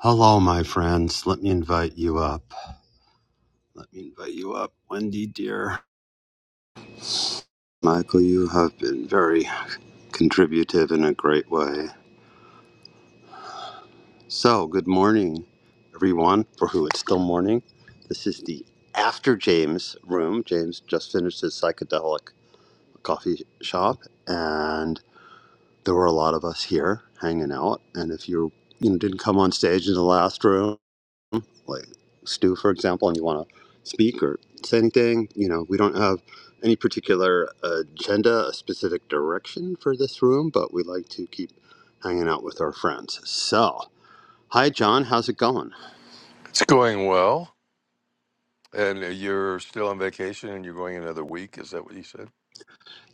Hello, my friends. Let me invite you up. Let me invite you up, Wendy, dear. Michael, you have been very contributive in a great way. So, good morning, everyone, for who it's still morning. This is the After James room. James just finished his psychedelic coffee shop, and there were a lot of us here hanging out. And if you you know, didn't come on stage in the last room, like Stu, for example, and you want to speak or say anything, you know, we don't have any particular agenda, a specific direction for this room, but we like to keep hanging out with our friends. So, hi, John, how's it going? It's going well, and you're still on vacation, and you're going another week. Is that what you said?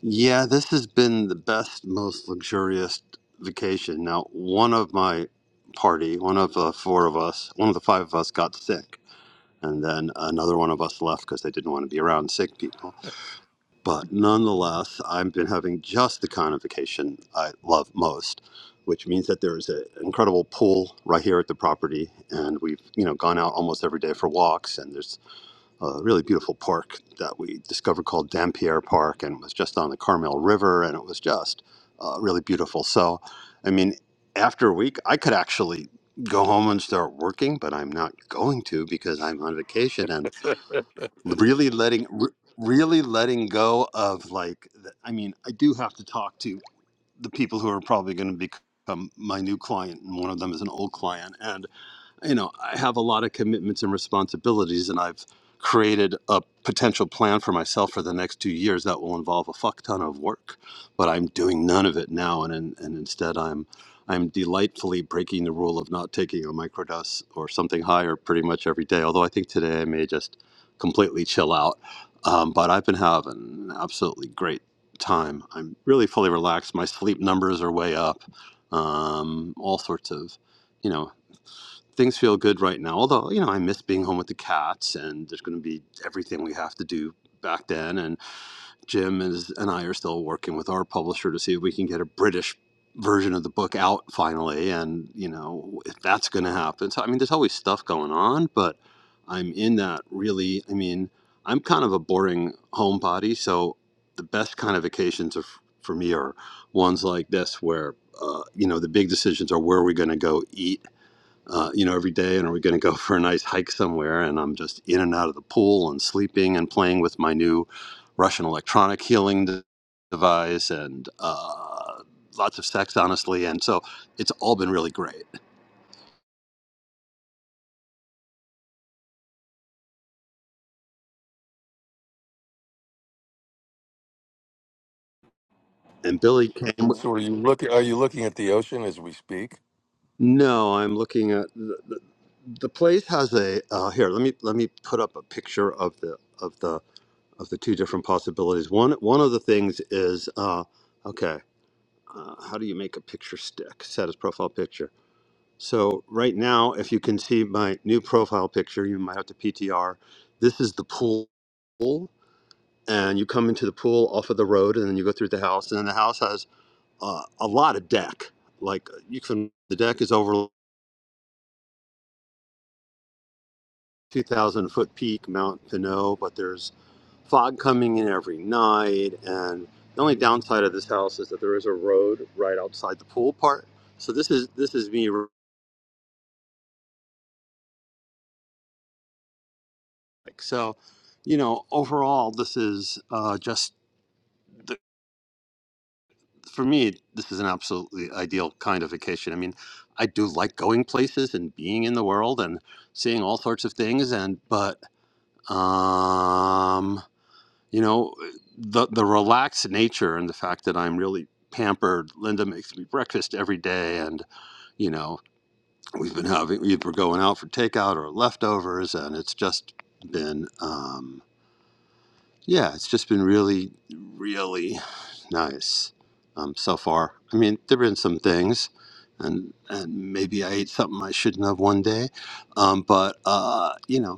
Yeah, this has been the best, most luxurious vacation. Now, one of my party, one of the four of us, one of the five of us got sick. And then another one of us left because they didn't want to be around sick people But nonetheless, I've been having just the kind of vacation I love most, which means that there is an incredible pool right here at the property, and we've you know gone out almost every day for walks. And there's a really beautiful park that we discovered called Dampierre Park, and it was just on the Carmel River, and it was just uh, really beautiful. So, I mean, after a week, I could actually go home and start working, but I'm not going to because I'm on vacation, and really letting re- really letting go of like the- i mean i do have to talk to the people who are probably going to become my new client and one of them is an old client and you know, I have a lot of commitments and responsibilities, and I've created a potential plan for myself for the next two years that will involve a fuck ton of work. But I'm doing none of it now, and and, and instead I'm I'm delightfully breaking the rule of not taking a microdose or something higher pretty much every day. Although I think today I may just completely chill out. Um, but I've been having an absolutely great time. I'm really fully relaxed. My sleep numbers are way up. Um, all sorts of you know things feel good right now. Although, you know, I miss being home with the cats and there's going to be everything we have to do back then. And Jim is, and I are still working with our publisher to see if we can get a British version of the book out finally. And, you know, if that's going to happen. So, I mean, there's always stuff going on, but I'm in that really, I mean, I'm kind of a boring homebody. So the best kind of vacations are, for me are ones like this where, uh, you know, the big decisions are where are we going to go eat uh, you know, every day, and are we going to go for a nice hike somewhere? And I'm just in and out of the pool and sleeping and playing with my new Russian electronic healing de- device and uh, lots of sex, honestly. And so it's all been really great. And Billy came So, are you looking? Are you looking at the ocean as we speak? No, I'm looking at the, the, the place has a uh, here. Let me let me put up a picture of the of the of the two different possibilities. One one of the things is uh, okay. Uh, how do you make a picture stick? Set as profile picture. So right now, if you can see my new profile picture, you might have to PTR. This is the pool, and you come into the pool off of the road, and then you go through the house, and then the house has uh, a lot of deck. Like you can, the deck is over. 2,000 foot peak, Mount Pinot, but there's fog coming in every night. And the only downside of this house is that there is a road right outside the pool part. So this is this is me. like, So, you know, overall, this is uh, just the, for me. This is an absolutely ideal kind of vacation. I mean, I do like going places and being in the world and seeing all sorts of things. And but um You know, the the relaxed nature and the fact that I'm really pampered. Linda makes me breakfast every day, and you know, we've been having we've going out for takeout or leftovers, and it's just been um, yeah, it's just been really really nice um, so far. I mean, there've been some things. And, and maybe I ate something I shouldn't have one day, um, but uh, you know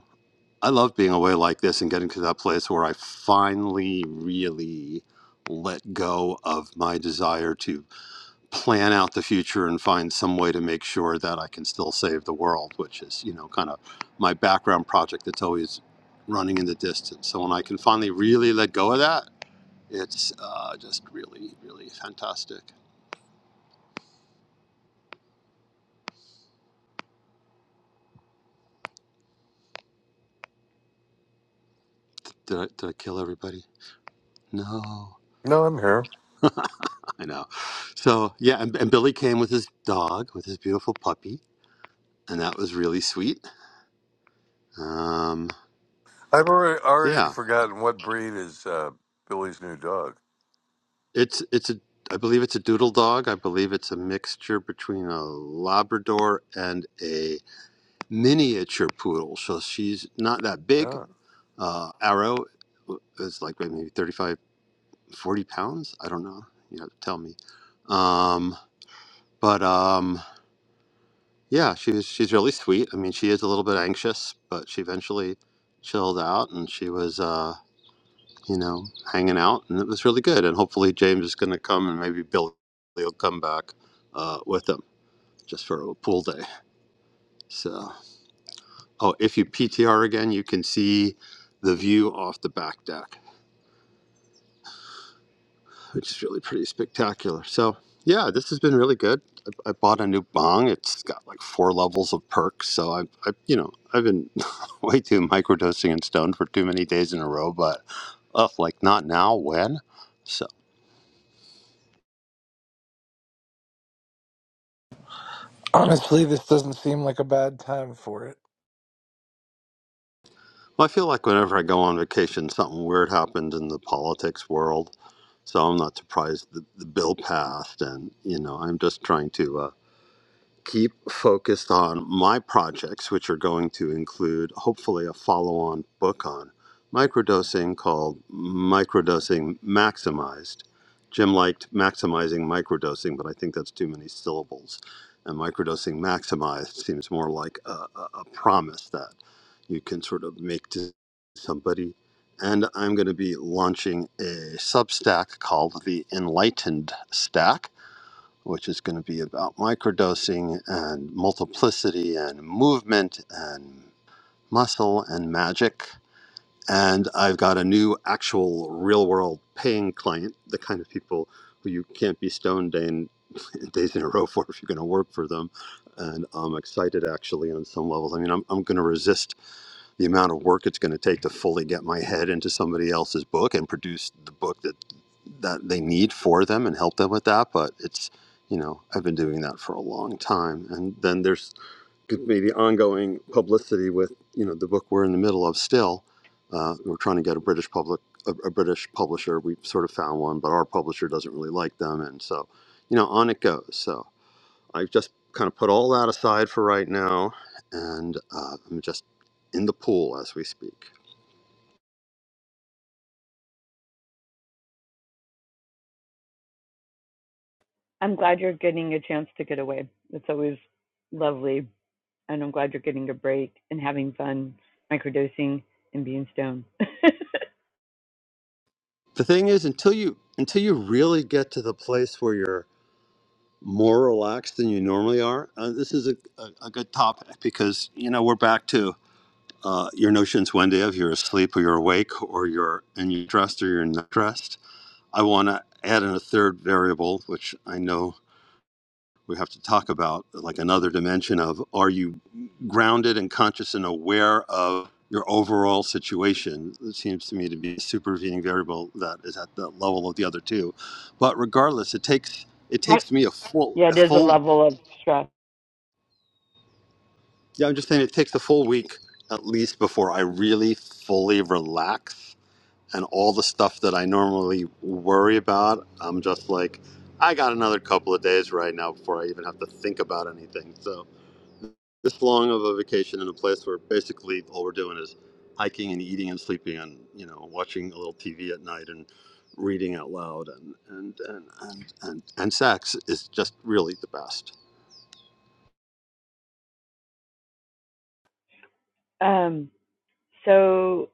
I love being away like this and getting to that place where I finally really let go of my desire to plan out the future and find some way to make sure that I can still save the world, which is, you know, kind of my background project that's always running in the distance. So when I can finally really let go of that, it's uh, just really, really fantastic. Did I, did I kill everybody? No, No, I'm here. I know. So yeah, and, and Billy came with his dog, with his beautiful puppy, and that was really sweet Um, I've already already yeah, forgotten what breed is uh, Billy's new dog. it's it's a I believe it's a doodle dog. I believe it's a mixture between a Labrador and a miniature poodle. So she's not that big. Yeah. Uh, Arrow uh, is like maybe 35, 40 pounds. I don't know. You have to tell me. Um, but um, yeah, she's she's really sweet. I mean, she is a little bit anxious, but she eventually chilled out, and she was. uh. you know, hanging out, and it was really good. And hopefully, James is going to come, and maybe Billy will come back uh, with him just for a pool day. So, oh, if you PTR again, you can see the view off the back deck, which is really pretty spectacular. So, yeah, this has been really good. I, I bought a new bong. It's got like four levels of perks. So I, I you know, I've been way too microdosing and stoned for too many days in a row, but ugh, like not now. When? So. Honestly, this doesn't seem like a bad time for it. Well, I feel like whenever I go on vacation, something weird happened in the politics world. So I'm not surprised the, the bill passed, and you know I'm just trying to. uh, keep focused on my projects, which are going to include hopefully a follow on book on microdosing called Microdosing Maximized. Jim liked maximizing microdosing, but I think that's too many syllables. And microdosing maximized seems more like a, a, a promise that you can sort of make to somebody. And I'm going to be launching a Substack called the Enlightened Stack which is going to be about microdosing and multiplicity and movement and muscle and magic. And I've got a new actual real world paying client, the kind of people who you can't be stoned day in, days in a row for if you're going to work for them. And I'm excited actually on some levels. I mean, I'm, I'm going to resist the amount of work it's going to take to fully get my head into somebody else's book and produce the book that that they need for them and help them with that but it's you know i've been doing that for a long time and then there's could be the ongoing publicity with you know the book we're in the middle of still uh, we're trying to get a british public a, a british publisher we sort of found one but our publisher doesn't really like them and so you know on it goes so. I've just kind of put all that aside for right now, and uh, I'm just in the pool as we speak. I'm glad you're getting a chance to get away. It's always lovely. And I'm glad you're getting a break and having fun microdosing and being stoned. The thing is, until you until you really get to the place where you're more relaxed than you normally are, uh, this is a, a, a good topic because you know we're back to uh, your notions one day of you're asleep or you're awake or you're and you're dressed or you're not dressed. I want to add in a third variable, which I know we have to talk about like another dimension of are you grounded and conscious and aware of your overall situation it seems to me to be a supervening variable that is at the level of the other two but regardless it takes it but takes me a full yeah, a it is a full level of stress. yeah i'm just saying it takes a full week at least before i really fully relax and all the stuff that i normally worry about i'm just like i got another couple of days right now before i even have to think about anything so this long of a vacation in a place where basically all we're doing is hiking and eating and sleeping and you know watching a little TV at night and reading out loud and and and and and, and sex is just really the best Um, so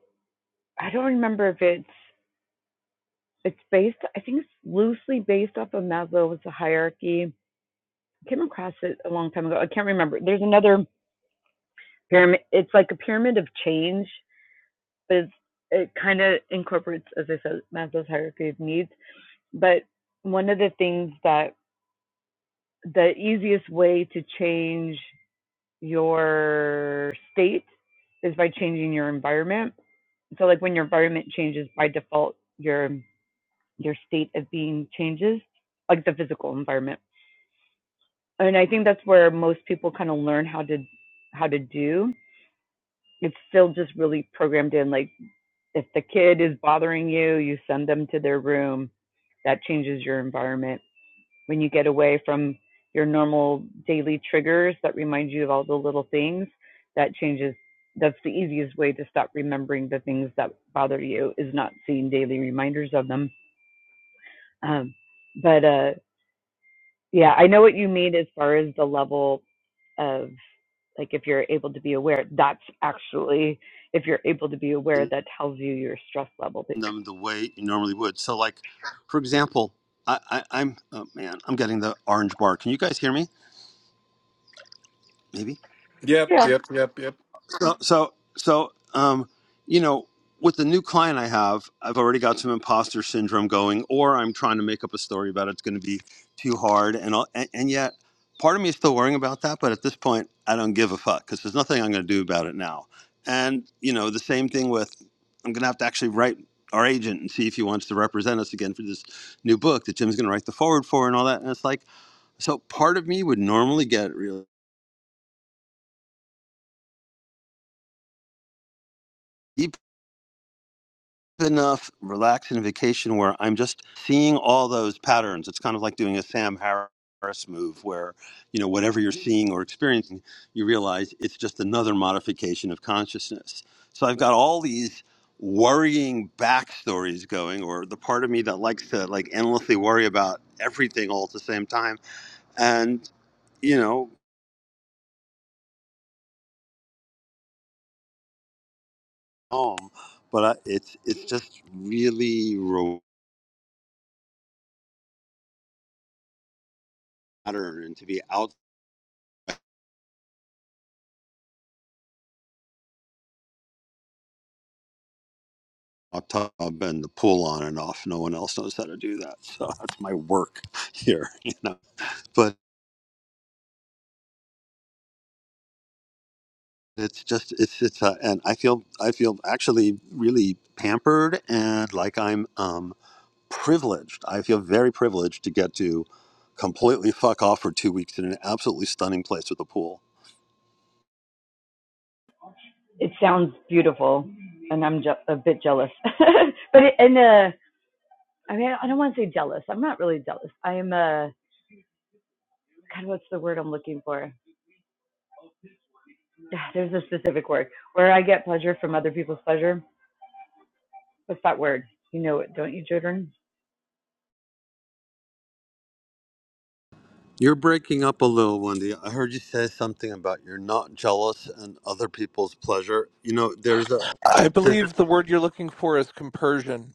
I don't remember if it's it's based I think it's loosely based off of Maslow's hierarchy. I came across it a long time ago. I can't remember. There's another pyramid it's like a pyramid of change, but it's it kind of incorporates, as I said, Maslow's hierarchy of needs. But one of the things that the easiest way to change your state is by changing your environment. So like when your environment changes by default, your your state of being changes, like the physical environment. And I think that's where most people kind of learn how to how to do. It's still just really programmed in like if the kid is bothering you, you send them to their room. That changes your environment when you get away from your normal daily triggers that remind you of all the little things that changes that's the easiest way to stop remembering the things that bother you is not seeing daily reminders of them um, but uh, yeah i know what you mean as far as the level of like if you're able to be aware that's actually if you're able to be aware in that tells you your stress level but them the way you normally would. So like for example, I, I I'm oh man I'm getting the orange bar. Can you guys hear me? Maybe. Yep, yeah yep, yep, yep. So, so, so, um, you know, with the new client I have, I've already got some imposter syndrome going, or I'm trying to make up a story about it's going to be too hard, and all, and, and yet, part of me is still worrying about that. But at this point, I don't give a fuck because there's nothing I'm going to do about it now. And you know, the same thing with I'm going to have to actually write our agent and see if he wants to represent us again for this new book that Jim's going to write the forward for and all that. And it's like, so part of me would normally get really enough relaxing vacation where I'm just seeing all those patterns. It's kind of like doing a Sam Harris move where, you know, whatever you're seeing or experiencing, you realize it's just another modification of consciousness. So I've got all these worrying backstories going or the part of me that likes to like endlessly worry about everything all at the same time and you know um but I, it's it's just really rewarding and to be out i tub and the pool on and off. No one else knows how to do that, so that's my work here. You know, but it's just it's it's uh, and I feel I feel actually really pampered and like I'm um, privileged. I feel very privileged to get to completely fuck off for two weeks in an absolutely stunning place with a pool. it sounds beautiful and i'm je- a bit jealous but it, and uh I mean, I don't want to say jealous. I'm not really jealous. I'm uh God, what's the word I'm looking for? There's a specific word where I get pleasure from other people's pleasure. What's that word? You know it, don't you, Jordan? You're breaking up a little, Wendy. I heard you say something about you're not jealous and other people's pleasure. You know, there's a I there, believe the word you're looking for is compersion.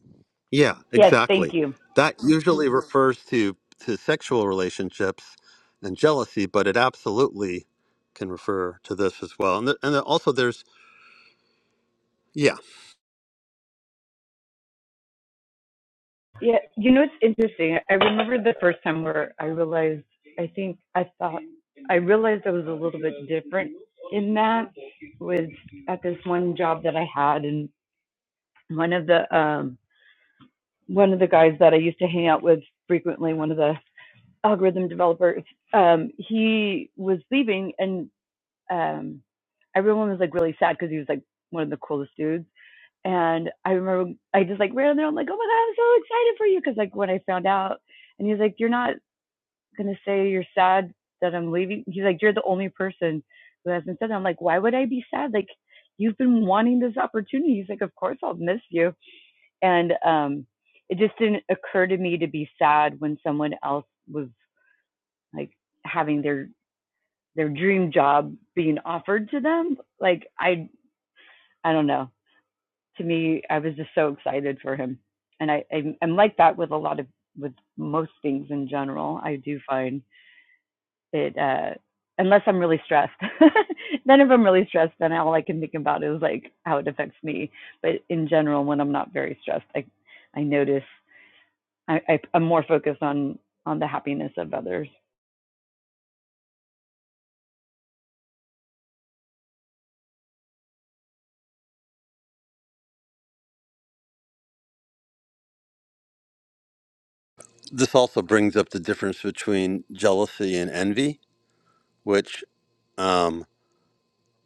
Yeah, Yes, thank exactly. you. That usually refers to to sexual relationships and jealousy, but it absolutely can refer to this as well. And th- and also there's yeah, Yeah, you know it's interesting. I remember the first time where I realized. I think I thought I realized I was a little bit different in that was at this one job that I had, and one of the um one of the guys that I used to hang out with frequently. One of the algorithm developer, um, he was leaving, and um, everyone was like really sad because he was like one of the coolest dudes. And I remember I just like ran there. I'm like, oh my god, I'm so excited for you because like when I found out, and he's like, you're not gonna say you're sad that I'm leaving. He's like, you're the only person who hasn't said that. I'm like, why would I be sad? Like, you've been wanting this opportunity. He's like, of course I'll miss you. And um, it just didn't occur to me to be sad when someone else was like having their their dream job being offered to them. Like I I don't know. To me, I was just so excited for him, and I I'm, I'm like that with a lot of with most things in general. I do find it uh unless I'm really stressed. then if I'm really stressed, then all I can think about is like how it affects me. But in general, when I'm not very stressed, I I notice I, I I'm more focused on on the happiness of others. this also brings up the difference between jealousy and envy, which um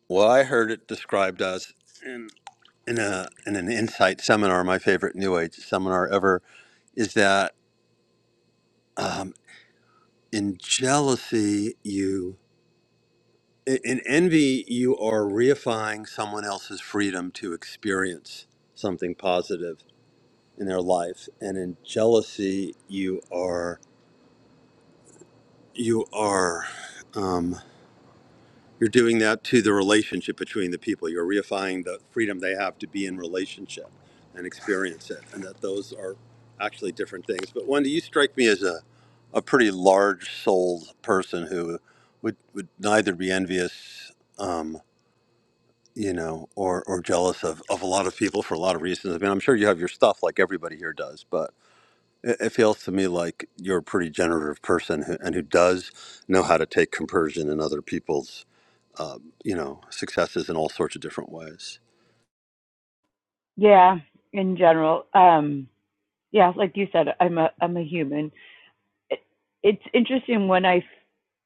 well I heard it described as in in a in an insight seminar, my favorite new age seminar ever, is that um in jealousy you In in envy, you are reifying someone else's freedom to experience something positive in their life, and in jealousy, you are you are um, you're doing that to the relationship between the people. You're reifying the freedom they have to be in relationship and experience it, and that those are actually different things. But Wendy, you strike me as a a pretty large-souled person who would would neither be envious. Um, you know, or or jealous of of a lot of people for a lot of reasons. I mean, I'm sure you have your stuff like everybody here does, but it, it feels to me like you're a pretty generative person who, and who does know how to take compersion in other people's, uh, you know, successes in all sorts of different ways. Yeah, in general. Um yeah, like you said, I'm a I'm a human. It, it's interesting when I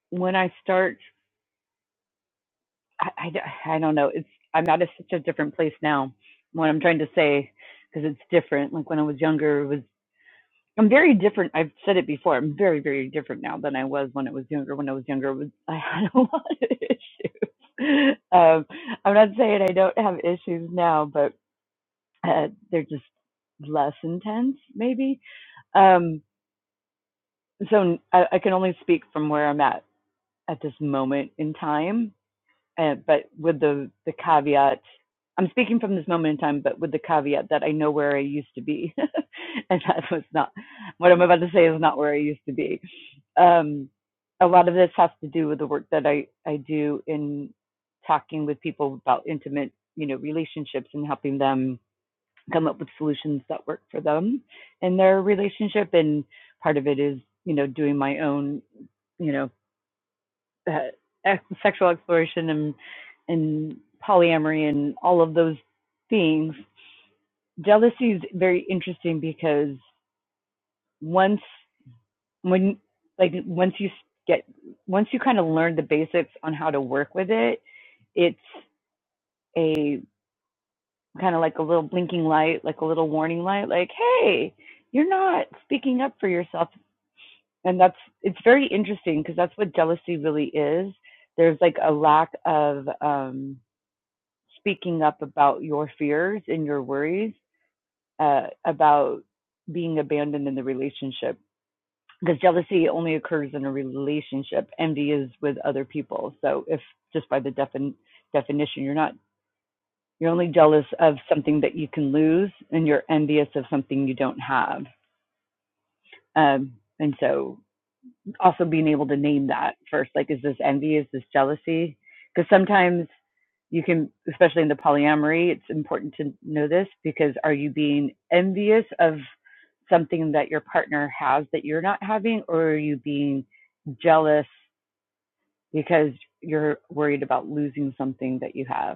when I start. I I I d- I don't know. It's I'm not at a, such a different place now. What I'm trying to say because it's different. Like when I was younger, it was I'm very different. I've said it before. I'm very very different now than I was when I was younger. When I was younger, was I had a lot of issues. Um, I'm not saying I don't have issues now, but uh, they're just less intense, maybe. Um, so I, I can only speak from where I'm at at this moment in time, and, but with the the caveat, I'm speaking from this moment in time, but with the caveat that I know where I used to be, and that was not what I'm about to say is not where I used to be. Um, a lot of this has to do with the work that I I do in talking with people about intimate, you know, relationships and helping them come up with solutions that work for them and their relationship. And part of it is, you know, doing my own, you know, uh, sexual exploration and and polyamory and all of those things. Jealousy is very interesting because once when like once you get once you kind of learn the basics on how to work with it, it's a kind of like a little blinking light, like a little warning light, like, hey, you're not speaking up for yourself. And that's, it's very interesting because that's what jealousy really is. There's like a lack of um, speaking up about your fears and your worries uh, about being abandoned in the relationship because jealousy only occurs in a relationship. Envy is with other people. So if just by the defin- definition, you're not You're only jealous of something that you can lose, and you're envious of something you don't have. Um, and so, also being able to name that first, like, is this envy? Is this jealousy? Because sometimes you can, especially in the polyamory, it's important to know this because are you being envious of something that your partner has that you're not having, or are you being jealous because you're worried about losing something that you have?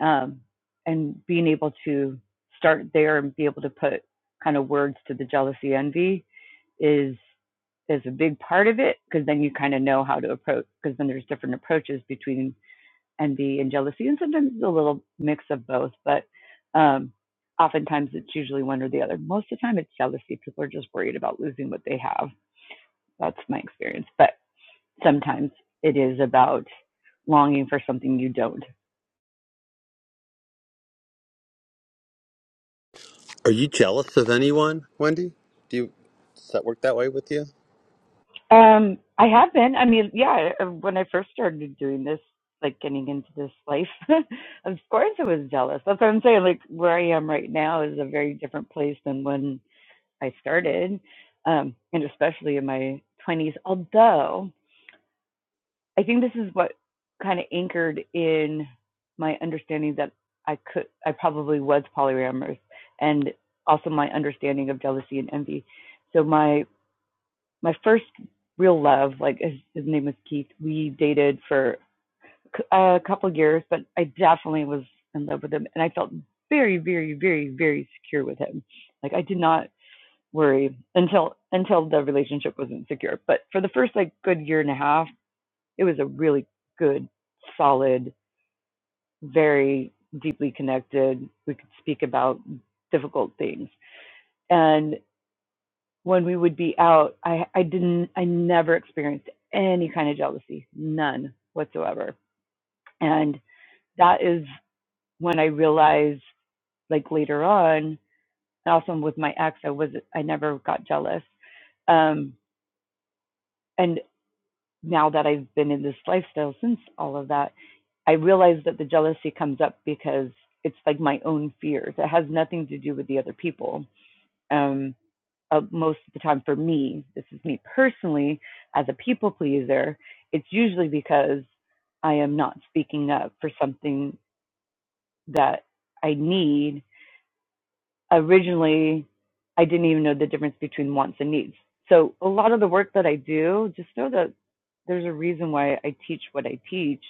um, and being able to start there and be able to put kind of words to the jealousy envy is is a big part of it because then you kind of know how to approach because then there's different approaches between envy and jealousy and sometimes it's a little mix of both but um, oftentimes it's usually one or the other most of the time it's jealousy people are just worried about losing what they have that's my experience but sometimes it is about longing for something you don't Are you jealous of anyone, Wendy? Do you does that work that way with you? Um, I have been. I mean, yeah, when I first started doing this, like getting into this life, of course I was jealous. That's what I'm saying. Like where I am right now is a very different place than when I started, um, and especially in my 20s. Although I think this is what kind of anchored in my understanding that I could, I probably was polyamorous, and also my understanding of jealousy and envy. So my my first real love, like his, his name was Keith. We dated for a couple of years, but I definitely was in love with him, and I felt very, very, very, very secure with him. Like I did not worry until until the relationship wasn't secure. But for the first like good year and a half, it was a really good, solid, very deeply connected. We could speak about difficult things, and when we would be out, I, I didn't, I never experienced any kind of jealousy, none whatsoever. And that is when I realized, like later on, and also with my ex, I was, I never got jealous. Um, and now that I've been in this lifestyle since all of that, I realized that the jealousy comes up because it's like my own fears. It has nothing to do with the other people. Um, uh, most of the time for me, this is me personally, as a people pleaser, it's usually because I am not speaking up for something that I need. Originally, I didn't even know the difference between wants and needs. So, a lot of the work that I do, just know that there's a reason why I teach what I teach,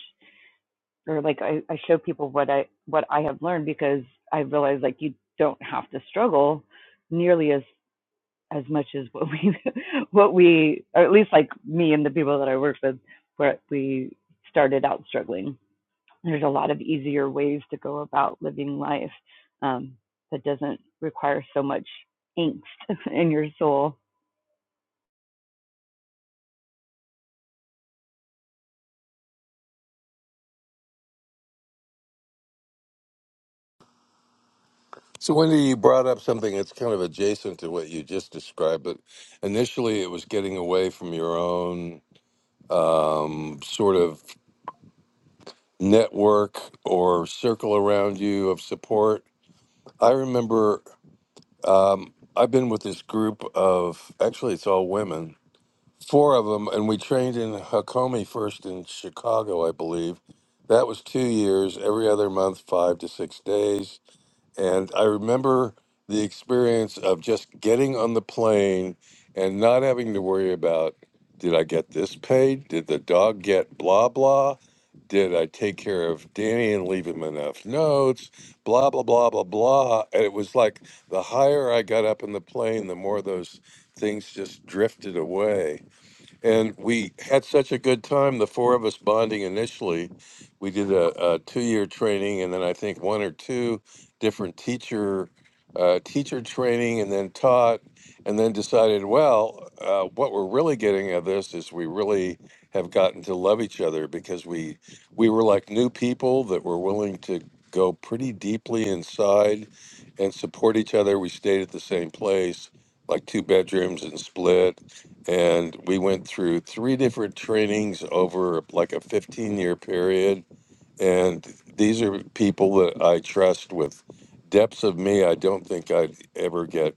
or like I, I show people what I what I have learned because I realized like you don't have to struggle nearly as as much as what we what we or at least like me and the people that I worked with where we started out struggling. There's a lot of easier ways to go about living life um, that doesn't require so much angst in your soul. So, Wendy, you brought up something that's kind of adjacent to what you just described, but initially it was getting away from your own um, sort of network or circle around you of support. I remember. Um, I've been with this group of actually it's all women, four of them, and we trained in Hakomi first in Chicago, I believe. That was two years, every other month, five to six days and I remember the experience of just getting on the plane and not having to worry about did I get this paid? Did the dog get blah blah? Did I take care of Danny and leave him enough notes? Blah blah blah blah blah. And it was like the higher I got up in the plane, the more those things just drifted away. And we had such a good time, the four of us bonding initially. We did a, a two year training and then I think one or two different teacher uh, teacher training and then taught and then decided, well, uh, what we're really getting out of this is we really have gotten to love each other because we we were like new people that were willing to go pretty deeply inside and support each other. We stayed at the same place, like two bedrooms and split and we went through three different trainings over like a 15 year period and these are people that i trust with depths of me i don't think i'd ever get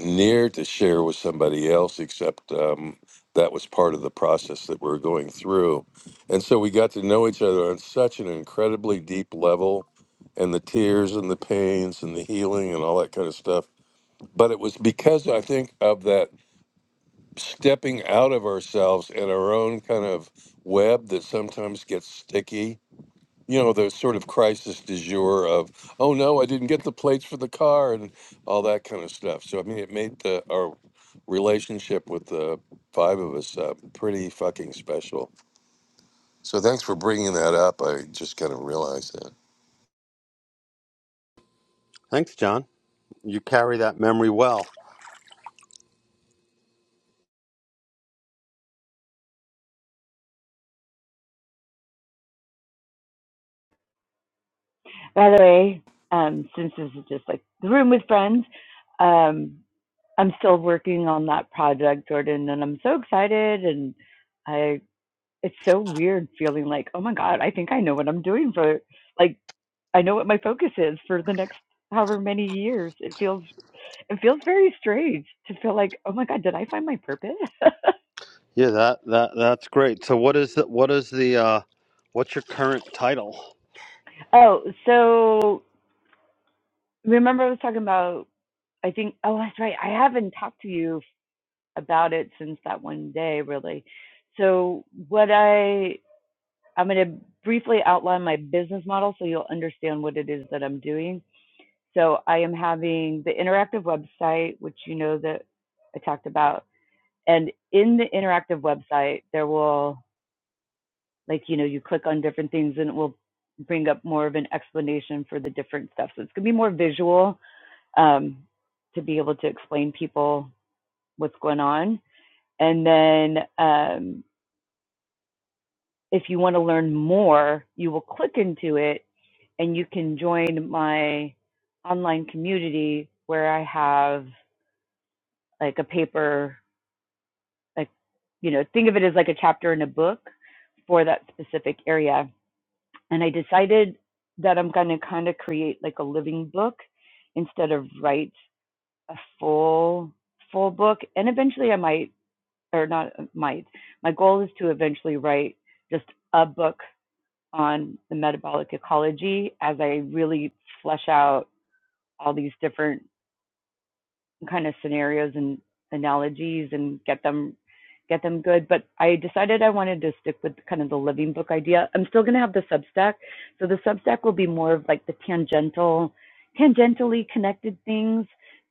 near to share with somebody else except um, that was part of the process that we're going through and so we got to know each other on such an incredibly deep level and the tears and the pains and the healing and all that kind of stuff but it was because i think of that stepping out of ourselves and our own kind of web that sometimes gets sticky. You know, the sort of crisis du jour of, oh no, I didn't get the plates for the car and all that kind of stuff. So, I mean, it made the, our relationship with the five of us uh, pretty fucking special. So, thanks for bringing that up. I just kind of realized that. Thanks, John. You carry that memory well. By the way, um, since this is just like the room with friends, um, I'm still working on that project, Jordan, and I'm so excited. And I, it's so weird feeling like, oh my God, I think I know what I'm doing for like I know what my focus is for the next however many years. It feels it feels very strange to feel like, oh my god, did I find my purpose? Yeah, that that that's great. So, what is the, what is the uh, what's your current title? oh, so remember I was talking about I think oh that's right. I haven't talked to you about it since that one day really. So what I I'm going to briefly outline my business model so you'll understand what it is that I'm doing. So I am having the interactive website which you know that I talked about And in the interactive website, there will, like, you know, you click on different things and it will bring up more of an explanation for the different stuff. So it's going to be more visual um, to be able to explain people what's going on. And then um, if you want to learn more, you will click into it and you can join my online community where I have like a paper, like, you know, think of it as like a chapter in a book for that specific area and I decided that I'm going to kind of create like a living book instead of write a full full book and eventually I might or not uh, might my goal is to eventually write just a book on the metabolic ecology as I really flesh out all these different kind of scenarios and analogies and get them get them good. But I decided I wanted to stick with kind of the living book idea. I'm still going to have the Substack, so the Substack will be more of like the tangential, tangentially connected things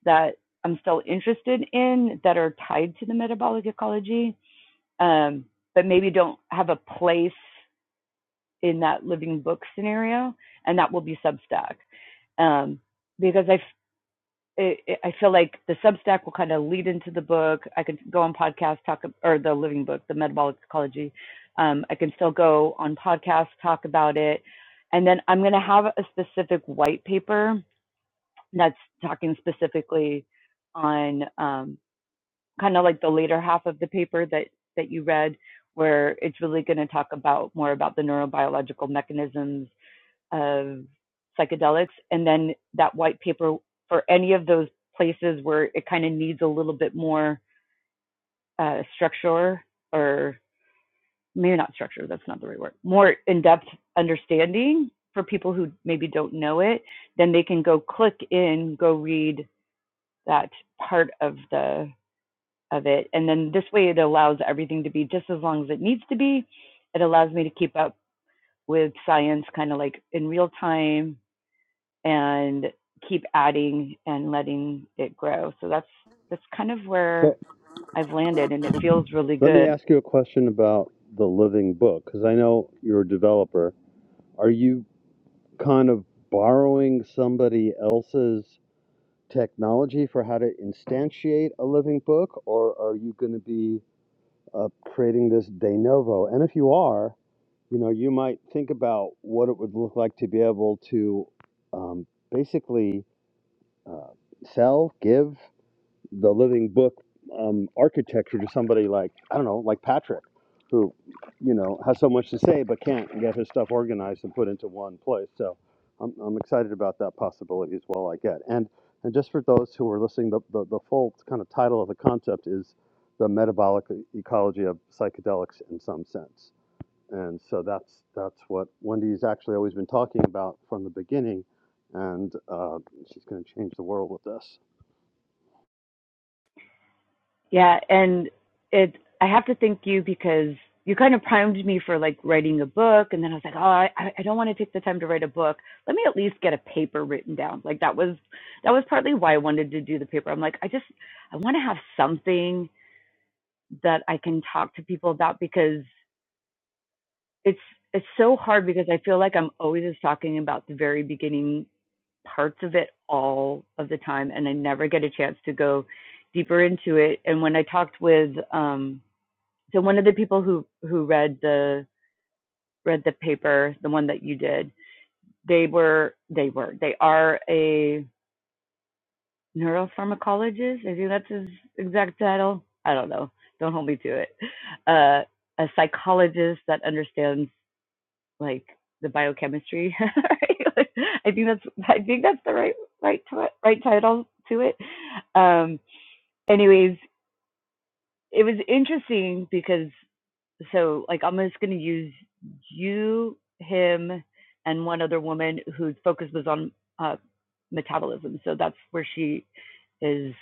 that I'm still interested in that are tied to the metabolic ecology, um, but maybe don't have a place in that living book scenario, and that will be Substack um, because I it, it, I feel like the Substack will kind of lead into the book. I could go on podcast talk or the living book, the metabolic ecology. Um, I can still go on podcast talk about it, and then I'm going to have a specific white paper that's talking specifically on um, kind of like the later half of the paper that that you read, where it's really going to talk about more about the neurobiological mechanisms of psychedelics. And then that white paper for any of those places where it kind of needs a little bit more uh, structure or maybe not structure, that's not the right word, more in depth understanding for people who maybe don't know it, then they can go click in, go read that part of the of it. And then this way it allows everything to be just as long as it needs to be. It allows me to keep up with science kind of like in real time and keep adding and letting it grow. So that's that's kind of where I've landed and it feels really Let me good. ask you a question about the living book, because I know you're a developer. Are you kind of borrowing somebody else's technology for how to instantiate a living book, or are you going to be uh, creating this de novo? And if you are, you know, you might think about what it would look like to be able to um, basically uh, sell, give the living book um, architecture to somebody like I don't know, like Patrick, who you know has so much to say but can't get his stuff organized and put into one place. So I'm, I'm excited about that possibility as well. I get and and just for those who are listening, the, the, the full kind of title of the concept is the metabolic ecology of psychedelics in some sense. And so that's that's what Wendy's actually always been talking about from the beginning, and uh, she's going to change the world with this. Yeah, and it I have to thank you because you kind of primed me for like writing a book and then I was like, "Oh, I I don't want to take the time to write a book. Let me at least get a paper written down." Like that was that was partly why I wanted to do the paper. I'm like, "I just I want to have something that I can talk to people about because it's it's so hard because I feel like I'm always just talking about the very beginning parts of it all of the time, and I never get a chance to go deeper into it. And when I talked with um, so one of the people who who read the read the paper, the one that you did, they were they were they are a neuropharmacologist. I think that's his exact title. I don't know. Don't hold me to it. Uh, a psychologist that understands like the biochemistry. right? Like, I think that's I think that's the right right ti- right title to it. Um, anyways, it was interesting because so like I'm just gonna use you, him, and one other woman whose focus was on uh, metabolism. So that's where she is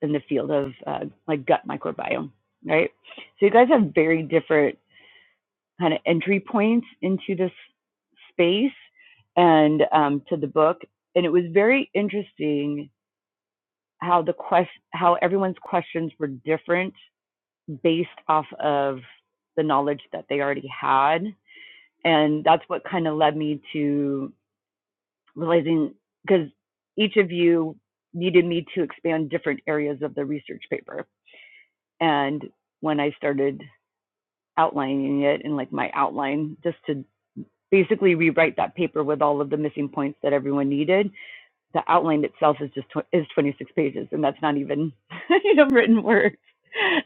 in the field of uh, like gut microbiome, right? So you guys have very different kind of entry points into this space and um, to the book. And it was very interesting how the quest how everyone's questions were different based off of the knowledge that they already had. And that's what kind of led me to realizing because each of you needed me to expand different areas of the research paper. And when I started outlining it and like my outline, just to basically rewrite that paper with all of the missing points that everyone needed. The outline itself is just tw- is 26 pages, and that's not even you know written words.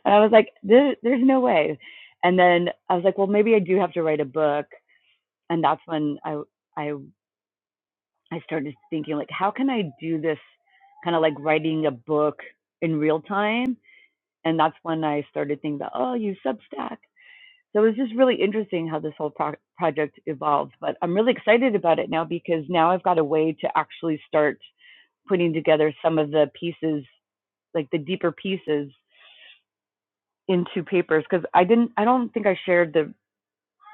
And I was like, there, there's no way. And then I was like, well, maybe I do have to write a book. And that's when I I I started thinking like, how can I do this kind of like writing a book in real time? And that's when I started thinking about, oh, use Substack so it was just really interesting how this whole pro- project evolved. But I'm really excited about it now because now I've got a way to actually start putting together some of the pieces, like the deeper pieces, into papers. Because I didn't, I don't think I shared the,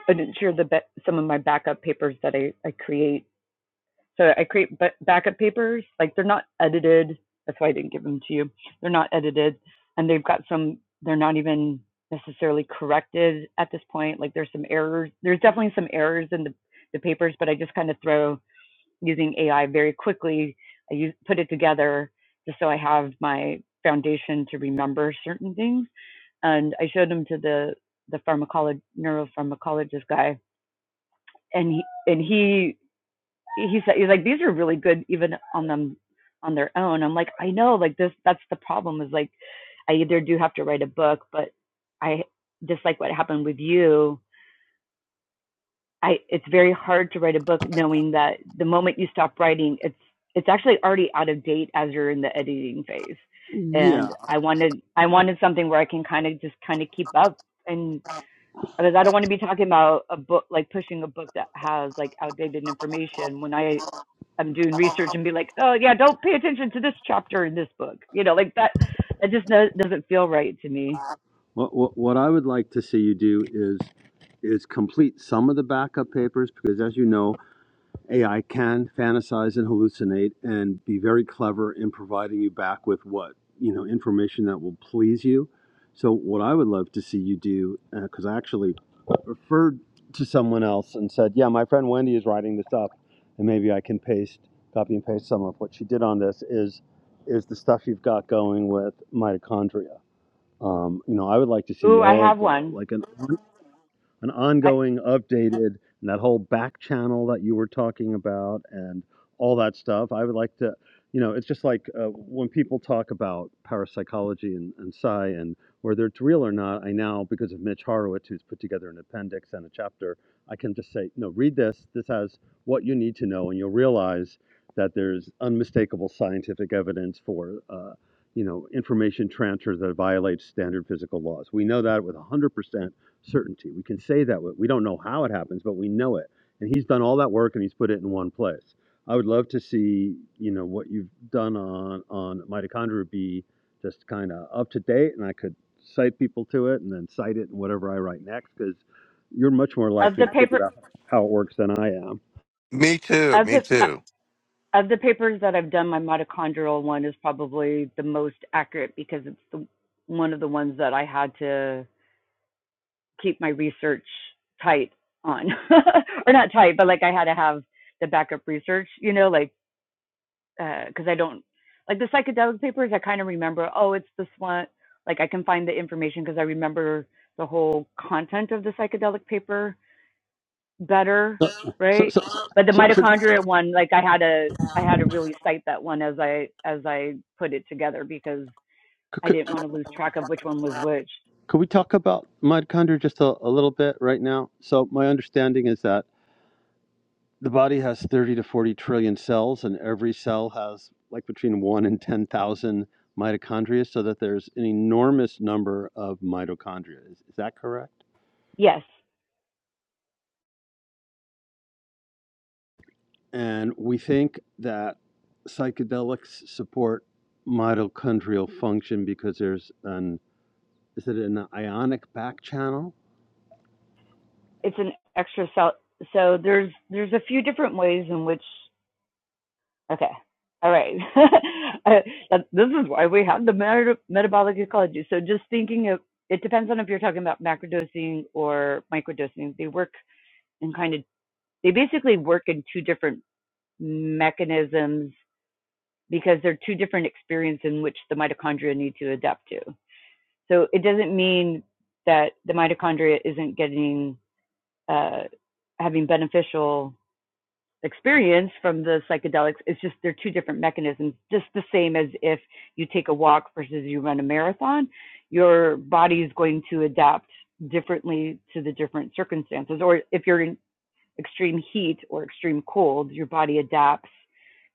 I didn't share the some of my backup papers that I, I create So I create ba- backup papers. Like they're not edited. That's why I didn't give them to you. They're not edited, and they've got some. They're not even necessarily corrected at this point. Like there's some errors. There's definitely some errors in the the papers, but I just kind of throw using AI very quickly. I use put it together just so I have my foundation to remember certain things. And I showed them to the the pharmacology neuropharmacologist guy, and he and he he said he's like these are really good even on them on their own i'm like i know like this that's the problem is like i either do have to write a book but i just like what happened with you i it's very hard to write a book knowing that the moment you stop writing it's it's actually already out of date as you're in the editing phase and Yeah, i wanted i wanted something where i can kind of just kind of keep up and because i don't want to be talking about a book like pushing a book that has like outdated information when i I'm doing research and be like, oh yeah, don't pay attention to this chapter in this book. You know, like that. That just no, doesn't feel right to me. What, what, what I would like to see you do is is complete some of the backup papers because, as you know, AI can fantasize and hallucinate and be very clever in providing you back with what you know information that will please you. So, what I would love to see you do, because I actually referred to someone else and said, "Yeah, my friend Wendy is writing this up, and maybe I can paste, copy and paste some of what she did on this." Is is the stuff you've got going with mitochondria? Um, you know, I would like to see Ooh, I all have the one. like an an I, ongoing, updated, and that whole back channel that you were talking about and all that stuff. I would like to, you know, it's just like uh, when people talk about parapsychology and, and psi and whether it's real or not, I now, because of Mitch Horowitz, who's put together an appendix and a chapter, I can just say, no, read this. This has what you need to know, and you'll realize that there's unmistakable scientific evidence for. Uh, you know, information transfer that violates standard physical laws. We know that with 100% certainty. We can say that we don't know how it happens, but we know it. And he's done all that work and he's put it in one place. I would love to see, you know, what you've done on on mitochondria be just kind of up to date, and I could cite people to it and then cite it in whatever I write next because you're much more of likely the to paper figure out how it works than I am. Me too. of Me the uh, too. of the papers that I've done, my mitochondrial one is probably the most accurate because it's the one of the ones that I had to keep my research tight on, or not tight, but like I had to have the backup research. You know, like because uh, I don't like the psychedelic papers. I kind of remember, oh, it's this one. Like I can find the information because I remember the whole content of the psychedelic paper better, right? But the mitochondria one, like I had to, I had to really cite that one as I as I put it together because Could, I could, didn't want to lose track of which one was which. could we talk about mitochondria just a, a little bit right now? So my understanding is that the body has 30 to 40 trillion cells, and every cell has like between 1 and 10,000 mitochondria, so that there's an enormous number of mitochondria. Is, is that correct? Yes, And we think that psychedelics support mitochondrial function because there's an is it an ionic back channel? it's an extra cell. So there's there's a few different ways in which Okay. All right. this is why we have the meta- metabolic ecology. So just thinking of it depends on if you're talking about macrodosing or microdosing. They work in kind of they basically work in two different mechanisms because they're two different experiences in which the mitochondria need to adapt to. So it doesn't mean that the mitochondria isn't getting uh, having beneficial experience from the psychedelics it's just they're two different mechanisms just the same as if you take a walk versus you run a marathon your body is going to adapt differently to the different circumstances or if you're in extreme heat or extreme cold your body adapts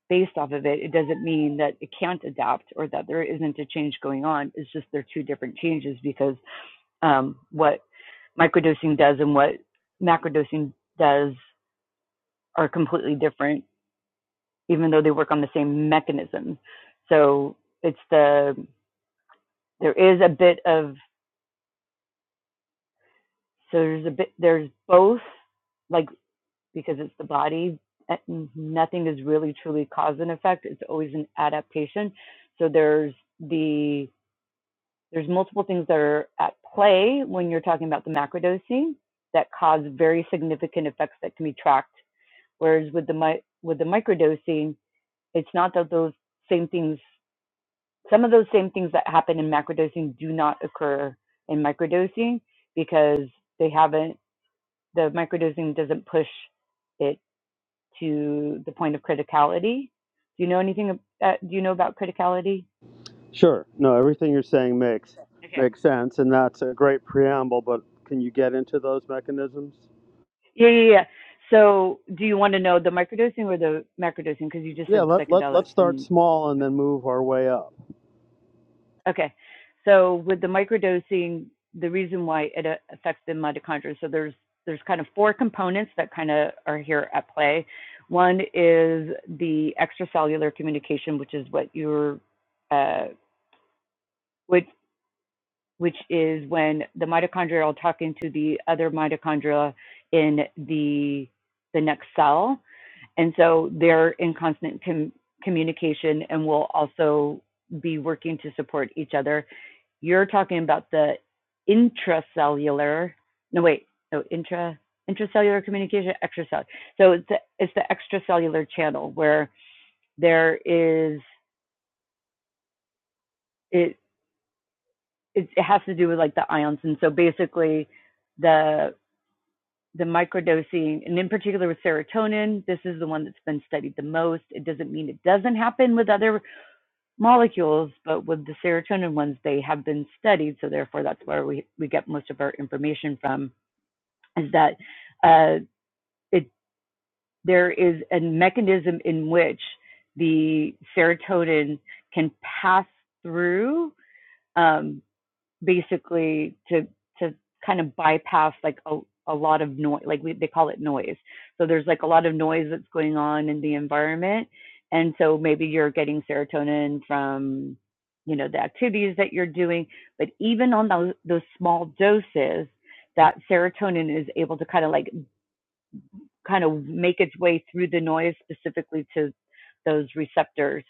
based off of it it doesn't mean that it can't adapt or that there isn't a change going on it's just they're two different changes because um, what microdosing does and what macrodosing does are completely different even though they work on the same mechanism. So it's the there is a bit of so there's a bit there's both like because it's the body uh, nothing is really truly cause and effect it's always an adaptation so there's the there's multiple things that are at play when you're talking about the macrodosing that cause very significant effects that can be tracked whereas with the mi- with the microdosing it's not that those same things Some of those same things that happen in macrodosing do not occur in microdosing because they haven't, the microdosing doesn't push it to the point of criticality. Do you know anything, uh, do you know about criticality? Sure. No, everything you're saying makes Okay. makes sense, and that's a great preamble. But can you get into those mechanisms? Yeah, yeah, yeah. So do you want to know the microdosing or the macrodosing? Because you just Yeah, said let, let, psychedelics let's start and small and then move our way up. Okay. So with the microdosing, the reason why it uh, affects the mitochondria, so there's there's kind of four components that kind of are here at play. One is the extracellular communication, which is what you're, uh, which which is when the mitochondria are talking to the other mitochondria in the the next cell, and so they're in constant com- communication and will also be working to support each other. You're talking about the intracellular. No, wait. No, intra intracellular communication, extracellular. So it's the, it's the extracellular channel where there is it, it it has to do with like the ions, and so basically the the microdosing, and in particular with serotonin, this is the one that's been studied the most. It doesn't mean it doesn't happen with other molecules, but with the serotonin ones, they have been studied. So therefore, that's where we, we get most of our information from. is that uh, it there is a mechanism in which the serotonin can pass through um, basically to to kind of bypass like a, a lot of noise like we, they call it noise so there's like a lot of noise that's going on in the environment and so maybe you're getting serotonin from you know the activities that you're doing but even on those, those small doses that serotonin is able to kind of like kind of make its way through the noise specifically to those receptors.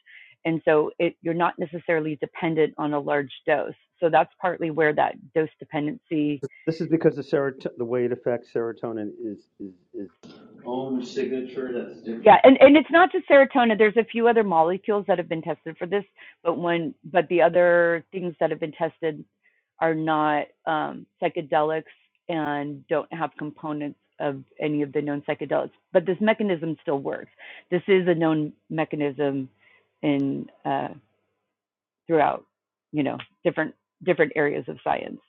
And so it, you're not necessarily dependent on a large dose. So that's partly where that dose dependency This is because the, serot- the way it affects serotonin is, is, is. Own signature that's different. Yeah, and, and it's not just serotonin. There's a few other molecules that have been tested for this, but when but the other things that have been tested are not um, psychedelics and don't have components of any of the known psychedelics. But this mechanism still works. This is a known mechanism in uh, throughout you know different different areas of science.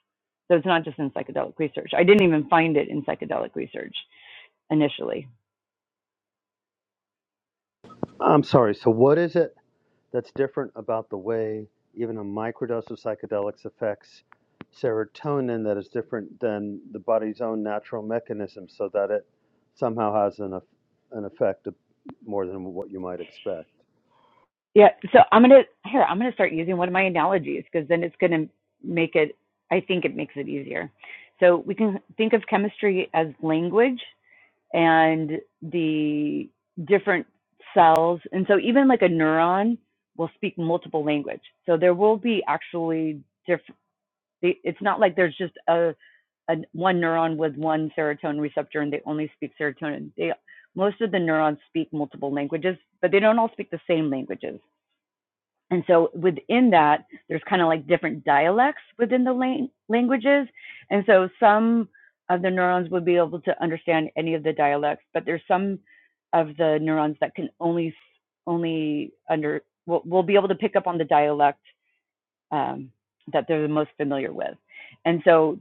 So it's not just in psychedelic research. I didn't even find it in psychedelic research initially. I'm sorry, so what is it that's different about the way even a microdose of psychedelics affects serotonin that is different than the body's own natural mechanism so that it somehow has an, eff- an effect of more than what you might expect? Yeah. So I'm gonna here. I'm gonna start using one of my analogies because then it's gonna make it. I think it makes it easier. So we can think of chemistry as language and the different cells, and so even like a neuron will speak multiple language. So there will be actually different. It's not like there's just a, a one neuron with one serotonin receptor and they only speak serotonin. They most of the neurons speak multiple languages, but they don't all speak the same languages and so within that there's kind of like different dialects within the lang- languages and so some of the neurons would be able to understand any of the dialects but there's some of the neurons that can only only under will, will be able to pick up on the dialect um, that they're the most familiar with. And so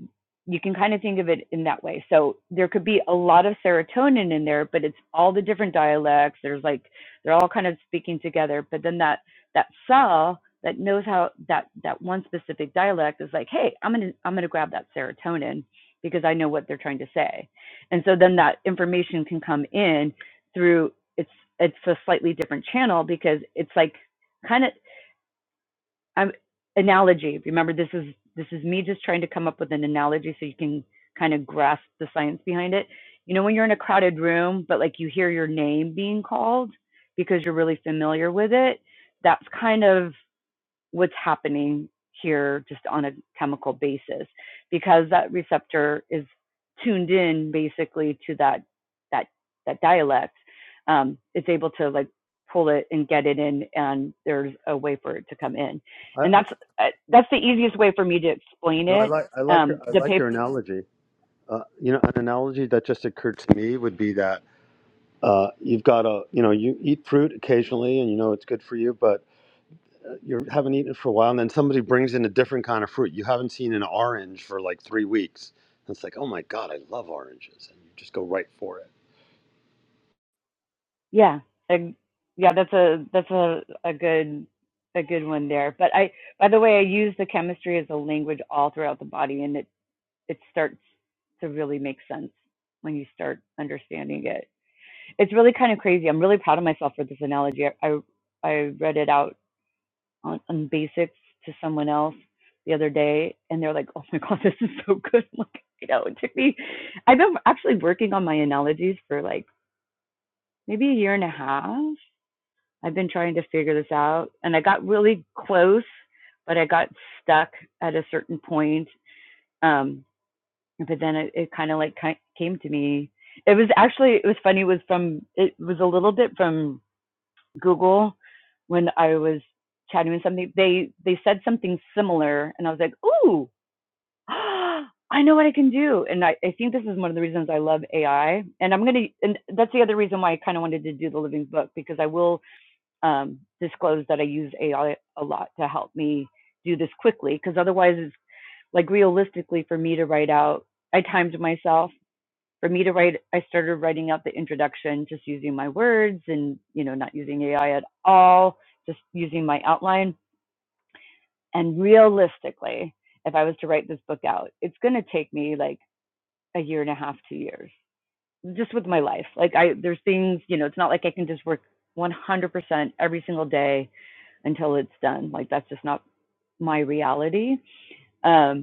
you can kind of think of it in that way. So there could be a lot of serotonin in there, but it's all the different dialects. There's like they're all kind of speaking together. But then that that cell that knows how that that one specific dialect is like, hey, I'm gonna I'm gonna grab that serotonin because I know what they're trying to say. And so then that information can come in through it's it's a slightly different channel because it's like kind of um, analogy. Remember, this is this is me just trying to come up with an analogy so you can kind of grasp the science behind it. You know, when you're in a crowded room, but like you hear your name being called because you're really familiar with it, that's kind of what's happening here just on a chemical basis because that receptor is tuned in basically to that that that dialect um, it's able to like pull it and get it in and there's a way for it to come in I, and I, that's uh, that's the easiest way for me to explain no, I it like, I, like your, um I the like paper your analogy. Uh, you know, an analogy that just occurred to me would be that uh, you've got a, you know, you eat fruit occasionally and you know it's good for you, but you haven't eaten it for a while, and then somebody brings in a different kind of fruit. You haven't seen an orange for like three weeks. And it's like, oh my God, I love oranges. And you just go right for it. yeah and- yeah that's a that's a a good a good one there but i by the way i use the chemistry as a language all throughout the body and it it starts to really make sense when you start understanding it. It's really kind of crazy. I'm really proud of myself for this analogy. I I, I read it out on, on basics to someone else the other day, and they're like, "Oh my god, this is so good!" I'm like, you know, it took me. I've been actually working on my analogies for like maybe a year and a half. I've been trying to figure this out, and I got really close, but I got stuck at a certain point. Um, but then it, it kind of like came to me it was actually it was funny it was from it was a little bit from google when i was chatting with something they they said something similar and i was like ooh i know what i can do and I, I think this is one of the reasons i love ai and i'm gonna and that's the other reason why i kind of wanted to do the living book because i will um, disclose that i use ai a lot to help me do this quickly because otherwise it's like realistically for me to write out i timed myself for me to write, I started writing out the introduction, just using my words and, you know, not using AI at all, just using my outline. And realistically, if I was to write this book out, it's going to take me like a year and a half, two years, just with my life. Like, I, there's things, you know, it's not like I can just work 100% every single day until it's done. Like, that's just not my reality. Um,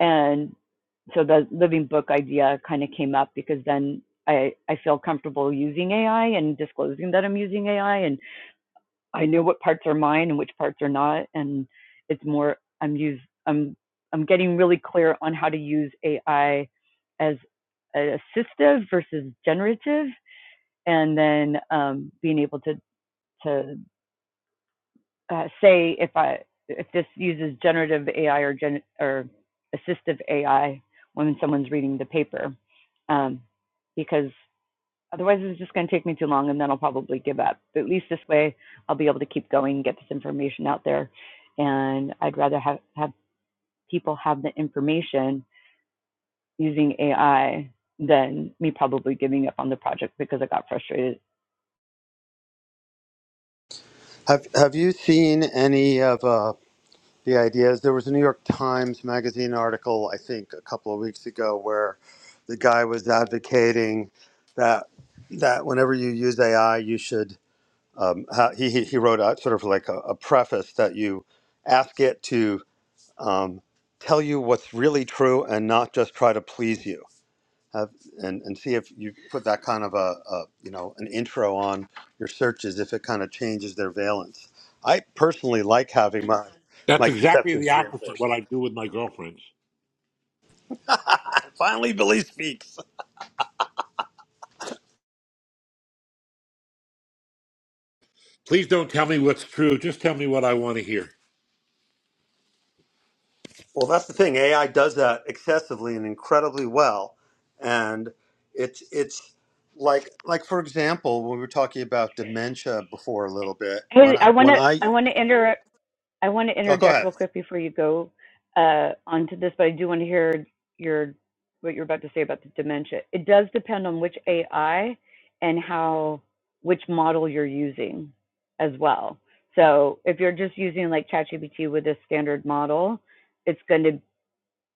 and so the living book idea kind of came up because then I, I feel comfortable using AI and disclosing that I'm using AI and I know what parts are mine and which parts are not and it's more I'm use I'm I'm getting really clear on how to use AI as assistive versus generative and then um, being able to to uh, say if I if this uses generative AI or gen or assistive AI when someone's reading the paper, um, because otherwise it's just going to take me too long and then I'll probably give up. But at least this way I'll be able to keep going, get this information out there, and I'd rather have have people have the information using AI than me probably giving up on the project because I got frustrated. Have, have you seen any of uh, the ideas? There was a New York Times Magazine article, I think, a couple of weeks ago where the guy was advocating that that whenever you use AI, you should um, how he, he he wrote out sort of like a, a preface that you ask it to um, tell you what's really true and not just try to please you. Have, and, and see if you put that kind of a, a you know an intro on your searches if it kind of changes their valence. I personally like having my That's my exactly the conceptions opposite what reinforced. I do with my girlfriends. Finally, Billy speaks. Please don't tell me what's true. Just tell me what I want to hear. Well, that's the thing. AI does that excessively and incredibly well, and it's it's like like for example, when we were talking about dementia before a little bit. Hey, When I I want when to I I want to inter- I want to oh, go interject ahead. real quick before you go uh, onto this, but I do want to hear your what you're about to say about the dementia. It does depend on which AI and how which model you're using as well. So if you're just using like ChatGPT with a standard model, it's going to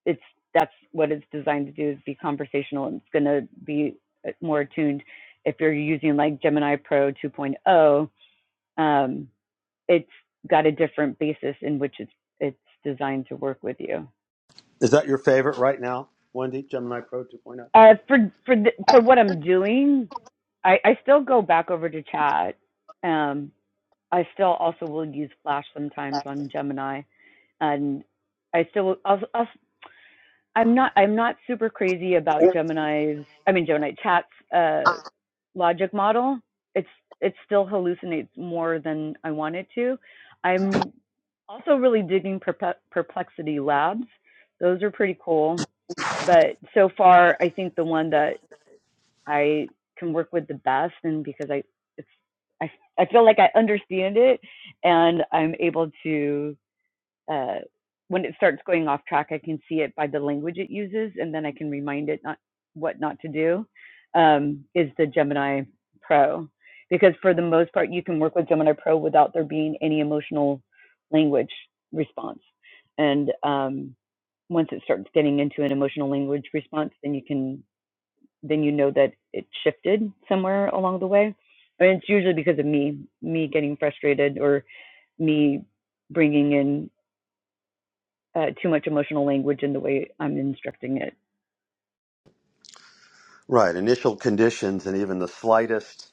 it's that's what it's designed to do is be conversational and it's going to be uh, more attuned. If you're using like Gemini Pro 2.0, um, it's got a different basis in which it's it's designed to work with you. Is that your favorite right now, Wendy? Gemini Pro 2.0. point Uh, for for the, for what I'm doing, I, I still go back over to chat. Um, I still also will use Flash sometimes on Gemini, and I still I'll, I'll I'm not I'm not super crazy about oh, Gemini's I mean Gemini chat's uh logic model. It's it still hallucinates more than I want it to. I'm also really digging Perplexity Labs. Those are pretty cool. But so far I think the one that I can work with the best and because I it's I I feel like I understand it and I'm able to uh, when it starts going off track, I can see it by the language it uses, and then I can remind it not what not to do. Um, is the Gemini Pro because for the most part, you can work with Gemini Pro without there being any emotional language response. And um, once it starts getting into an emotional language response, then you can then you know that it shifted somewhere along the way. And it's usually because of me, me getting frustrated or me bringing in uh, too much emotional language in the way I'm instructing it. Right. Initial conditions and even the slightest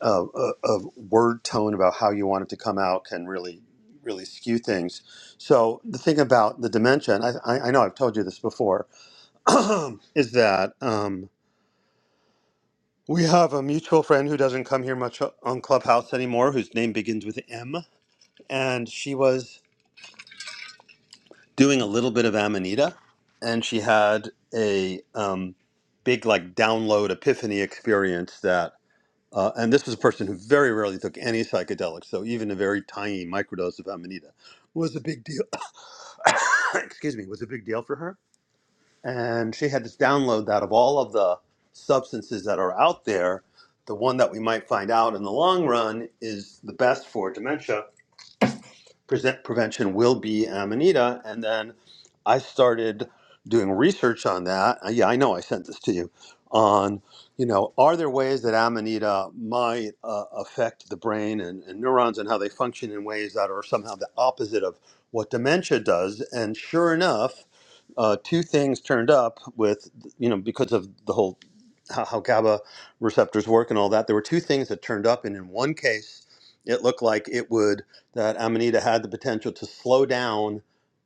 uh, uh, of word tone about how you want it to come out can really, really skew things. So the thing about the dementia, and I, I I know I've told you this before, is that. Um, We have a mutual friend who doesn't come here much on Clubhouse anymore, whose name begins with M. And she was doing a little bit of Amanita, and she had a um, big, like, download epiphany experience that. Uh, and this was a person who very rarely took any psychedelics, so even a very tiny microdose of Amanita was a big deal. Excuse me, was a big deal for her. and she had this download that of all of the substances that are out there, the one that we might find out in the long run is the best for dementia present prevention will be Amanita. And then I started doing research on that. Uh, Yeah, I know I sent this to you. On, you know, are there ways that Amanita might uh, affect the brain and, and neurons and how they function in ways that are somehow the opposite of what dementia does? And sure enough, uh, two things turned up with, you know, because of the whole how, how GABA receptors work and all that. There were two things that turned up, and in one case, it looked like it would that Amanita had the potential to slow down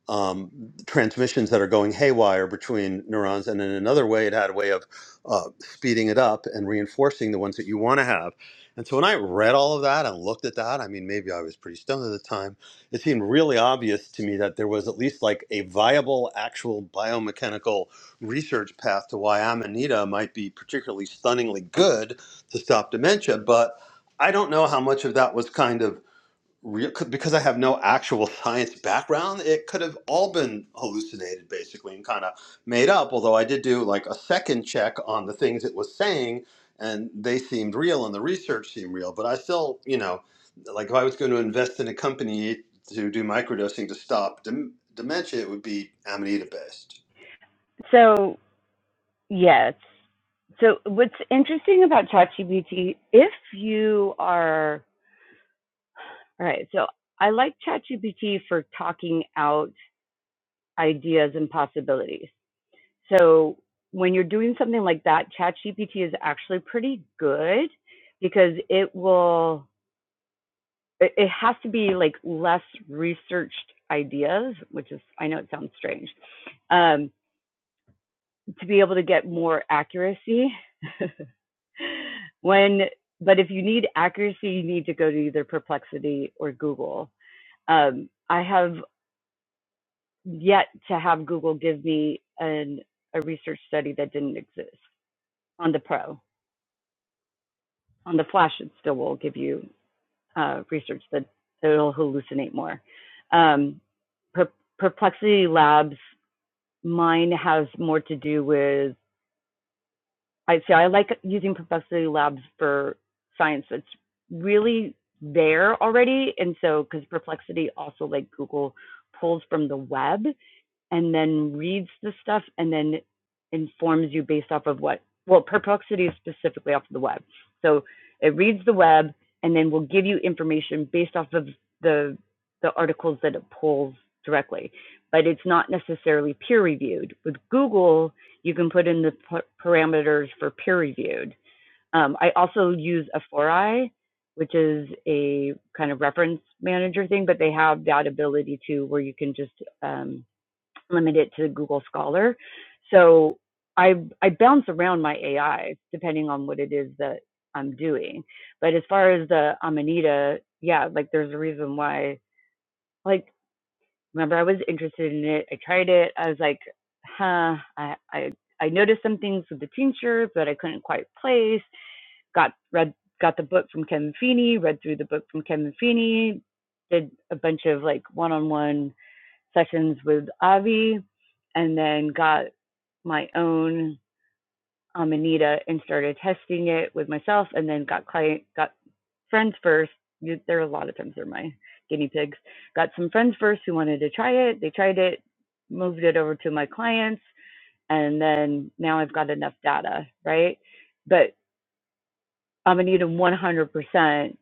um, transmissions that are going haywire between neurons. And in another way, it had a way of uh, speeding it up and reinforcing the ones that you want to have. And so when I read all of that and looked at that, I mean, maybe I was pretty stoned at the time, it seemed really obvious to me that there was at least like a viable, actual biomechanical research path to why Amanita might be particularly stunningly good to stop dementia. But I don't know how much of that was kind of real because I have no actual science background, it could have all been hallucinated basically and kind of made up. Although I did do like a second check on the things it was saying, and they seemed real and the research seemed real. But I still, you know, like if I was going to invest in a company to do microdosing to stop dem- dementia, it would be Amanita based. So, yes. So, what's interesting about ChatGPT, if you are, all right, so I like ChatGPT for talking out ideas and possibilities. So, when you're doing something like that, ChatGPT is actually pretty good because it will, it has to be like less researched ideas, which is, I know it sounds strange. Um, to be able to get more accuracy. when, but if you need accuracy, you need to go to either Perplexity or Google. Um, I have yet to have Google give me an, a research study that didn't exist on the Pro. On the Flash, it still will give you uh, research that it'll hallucinate more. Um, per- Perplexity Labs, mine has more to do with I say I like using Perplexity Labs for science that's really there already. And so, because Perplexity also, like Google, pulls from the web and then reads the stuff and then informs you based off of what well perplexity is specifically off of the web so it reads the web and then will give you information based off of the the articles that it pulls directly but it's not necessarily peer reviewed with google you can put in the p- parameters for peer reviewed um, i also use aforai which is a kind of reference manager thing but they have that ability too where you can just um, Limit it to Google Scholar. So I I bounce around my AI depending on what it is that I'm doing. But as far as the Amanita, yeah, like there's a reason why. Like remember, I was interested in it. I tried it. I was like, huh. I I I noticed some things with the tinctures that I couldn't quite place. Got read got the book from Kevin Feeney. Read through the book from Kevin Feeney. Did a bunch of like one-on-one sessions with Avi and then got my own um, Anita and started testing it with myself and then got client got friends first. There are a lot of times they're my guinea pigs. Got some friends first who wanted to try it. They tried it, moved it over to my clients, and then now I've got enough data, right? But Amanita 100%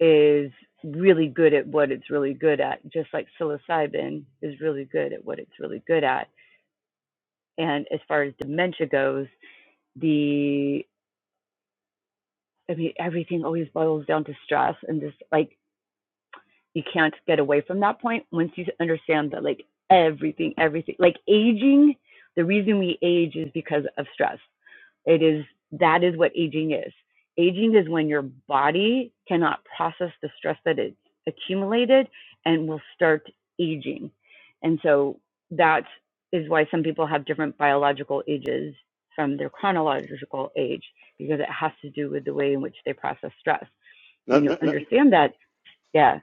is really good at what it's really good at, just like psilocybin is really good at what it's really good at. And as far as dementia goes, the I mean everything always boils down to stress and just like you can't get away from that point once you understand that like everything everything like aging the reason we age is because of stress it is that is what aging is aging is when your body cannot process the stress that it's accumulated and will start aging and so that is why some people have different biological ages from their chronological age because it has to do with the way in which they process stress No, when you no, no, understand that yeah.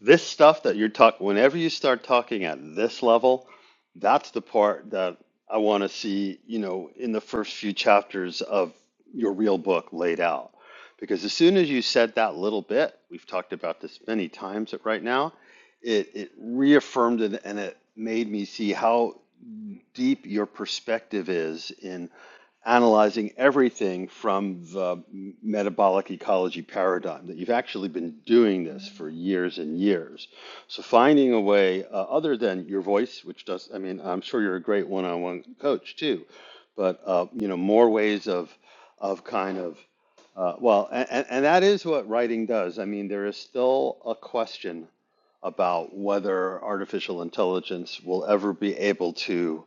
This stuff that you're talking, whenever you start talking at this level, that's the part that I want to see, you know, in the first few chapters of your real book laid out. Because as soon as you said that little bit, we've talked about this many times but right now, it, it reaffirmed it and it made me see how deep your perspective is in analyzing everything from the metabolic ecology paradigm that you've actually been doing this for years and years so finding a way uh, other than your voice which does i mean i'm sure you're a great one-on-one coach too but uh, you know more ways of of kind of uh, well and, and that is what writing does i mean there is still a question about whether artificial intelligence will ever be able to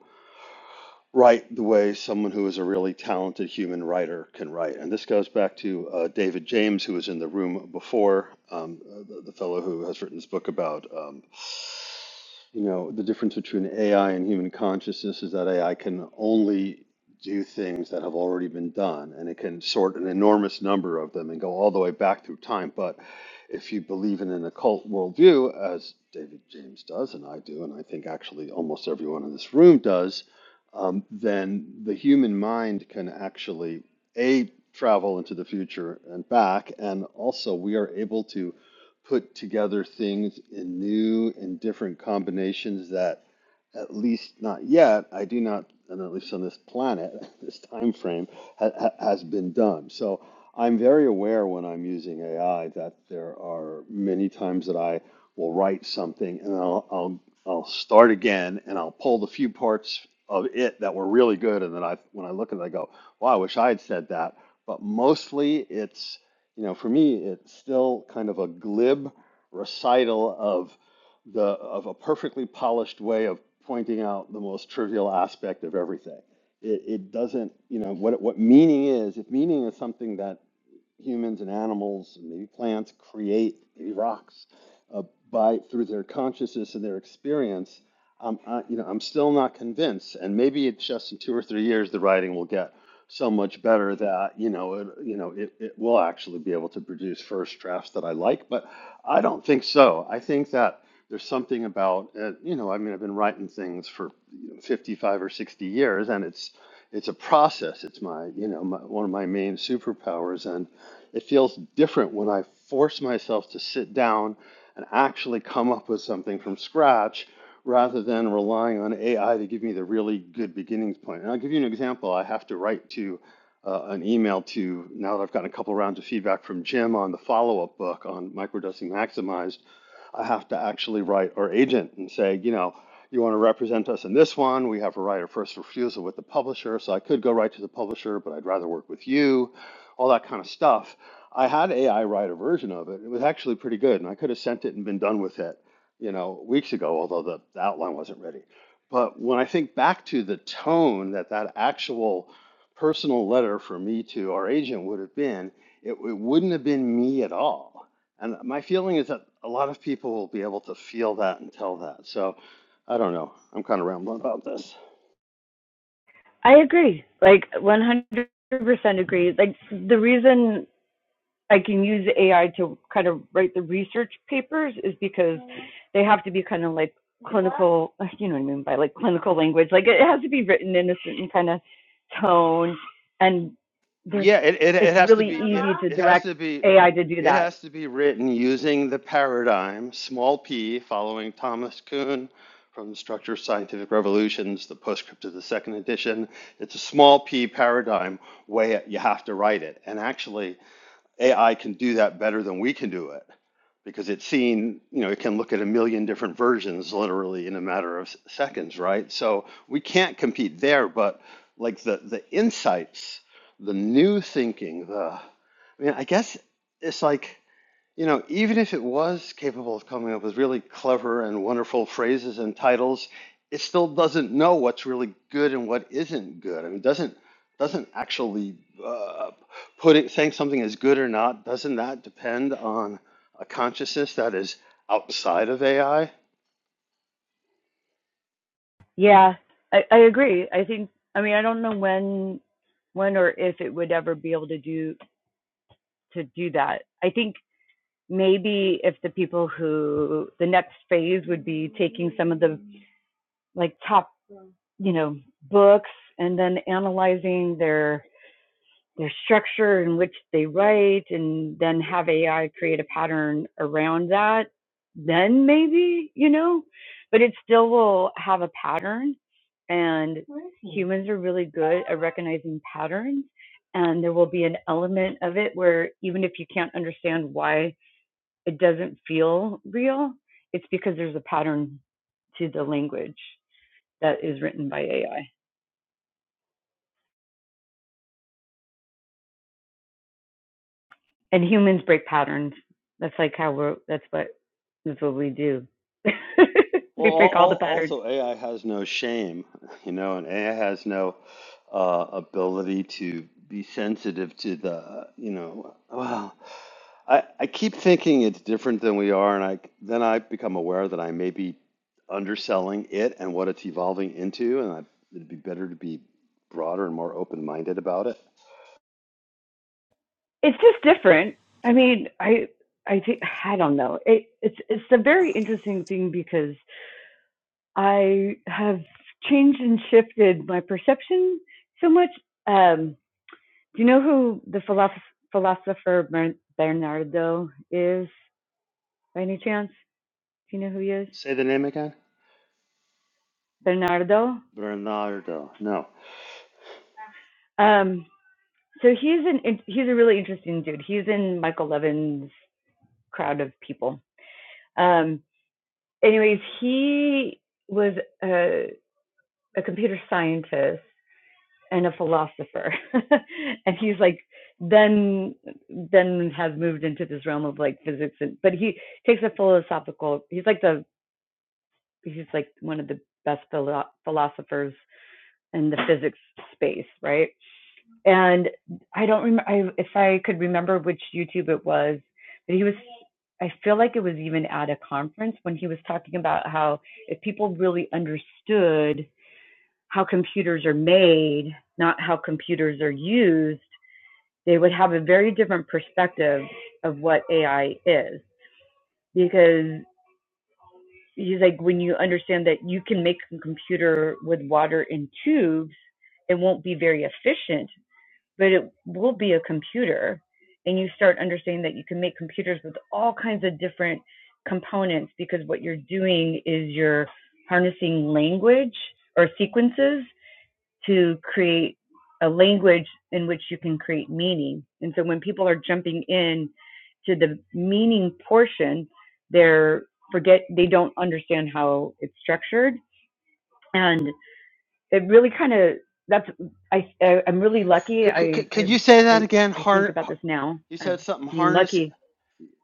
write the way someone who is a really talented human writer can write. And this goes back to uh, David James, who was in the room before, um, the, the fellow who has written this book about um, you know, the difference between AI and human consciousness is that AI can only do things that have already been done, and it can sort an enormous number of them and go all the way back through time. But if you believe in an occult worldview, as David James does, and I do, and I think actually almost everyone in this room does, um, then the human mind can actually a travel into the future and back, and also we are able to put together things in new and different combinations that at least not yet, I do not, and at least on this planet, this time frame ha ha has been done. So I'm very aware when I'm using AI that there are many times that I will write something and I'll I'll I'll start again and I'll pull the few parts of it that were really good and then I when I look at it I go, wow, I wish I had said that. But mostly it's, you know, for me it's still kind of a glib recital of the of a perfectly polished way of pointing out the most trivial aspect of everything. It, it doesn't, you know, what what meaning is. If meaning is something that humans and animals and maybe plants create maybe rocks uh, by through their consciousness and their experience I'm, I, you know, I'm still not convinced, and maybe it's just in two or three years the writing will get so much better that you know, it, you know, it, it will actually be able to produce first drafts that I like. But I don't think so. I think that there's something about, uh, you know, I mean, I've been writing things for you know, 55 or 60 years, and it's it's a process. It's my, you know, my, one of my main superpowers, and it feels different when I force myself to sit down and actually come up with something from scratch rather than relying on AI to give me the really good beginnings point. And I'll give you an example. I have to write to uh, an email to, now that I've gotten a couple rounds of feedback from Jim on the follow up book on microdosing maximized, I have to actually write our agent and say, you know, you want to represent us in this one. We have a right of first refusal with the publisher. So I could go right to the publisher, but I'd rather work with you, all that kind of stuff. I had AI write a version of it. It was actually pretty good, and I could have sent it and been done with it, you know, weeks ago, although the, the outline wasn't ready. But when I think back to the tone that that actual personal letter from me to our agent would have been, it, it wouldn't have been me at all. And my feeling is that a lot of people will be able to feel that and tell that. So I don't know. I'm kind of rambling about this. I agree. Like 100% agree. Like the reason I can use AI to kind of write the research papers is because they have to be kind of like clinical, you know what I mean by like clinical language. Like it has to be written in a certain kind of tone and there's Yeah, it, it, it it's has to really be easy it, to it has direct to be AI to do it that. has to be written using the paradigm small p following Thomas Kuhn from the Structure of Scientific Revolutions, the postscript of the second edition. It's a small p paradigm way you have to write it. And actually, AI can do that better than we can do it because it's seen, you know, it can look at a million different versions literally in a matter of seconds, right? So we can't compete there, but like the the insights, the new thinking, the I mean, I guess it's like you know, even if it was capable of coming up with really clever and wonderful phrases and titles, it still doesn't know what's really good and what isn't good. I mean, doesn't doesn't actually uh, putting saying something is good or not, doesn't that depend on a consciousness that is outside of AI? Yeah, I, I agree. I think I mean I don't know when when or if it would ever be able to do to do that. I think maybe if the people who the next phase would be taking some of the like top you know books and then analyzing their their structure in which they write and then have AI create a pattern around that then maybe you know but it still will have a pattern and humans are really good at recognizing patterns and there will be an element of it where even if you can't understand why it doesn't feel real, it's because there's a pattern to the language that is written by AI. And humans break patterns. That's like how we're that's what that's what we do. Well, we break al- all the al- patterns. also AI has no shame, you know, and AI has no uh, ability to be sensitive to the, you know, well. I, I keep thinking it's different than we are, and I then I become aware that I may be underselling it and what it's evolving into, and I, it'd be better to be broader and more open-minded about it. It's just different. I mean, I I think I don't know. It, it's it's a very interesting thing because I have changed and shifted my perception so much um, Do you know who the philosoph- philosopher Bern- Bernardo is by any chance? Do you know who he is? Say the name again. Bernardo. Bernardo. No. Um, so he's an he's a really interesting dude. He's in Michael Levin's crowd of people. Um, anyways, he was a, a computer scientist and a philosopher, and he's like then then has moved into this realm of like physics and but he takes a philosophical he's like the he's like one of the best philo- philosophers in the physics space, right? And I don't remember if I could remember which YouTube it was, but he was. I feel like it was even at a conference when he was talking about how if people really understood how computers are made, not how computers are used, they would have a very different perspective of what AI is because he's like when you understand that you can make a computer with water in tubes it won't be very efficient but it will be a computer and you start understanding that you can make computers with all kinds of different components because what you're doing is you're harnessing language or sequences to create a language in which you can create meaning. And so when people are jumping in to the meaning portion, they're forget they don't understand how it's structured, and it really kind of that's I, I I'm really lucky. Could, could, I could could I you say that I, again? think Har, about har- this now you of said something being harness lucky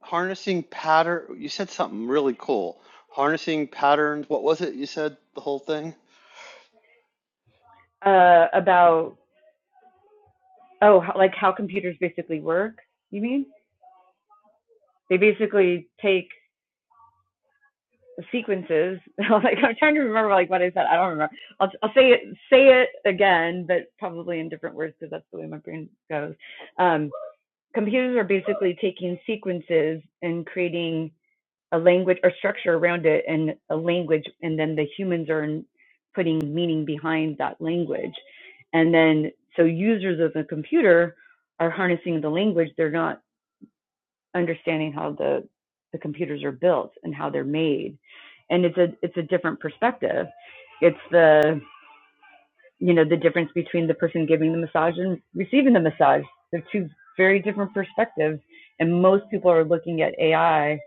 harnessing pattern. You said something really cool. Harnessing patterns. What was it? You said the whole thing. uh, about oh how, like how computers basically work. You mean they basically take sequences. like I'm trying to remember like what I said. I don't remember. I'll I'll say it say it again, but probably in different words because that's the way my brain goes. Um, computers are basically taking sequences and creating a language or structure around it and a language, and then the humans are putting meaning behind that language, and then so users of the computer are harnessing the language. They're not understanding how the the computers are built and how they're made and it's a it's a different perspective it's the you know the difference between the person giving the massage and receiving the massage they're two very different perspectives and most people are looking at ai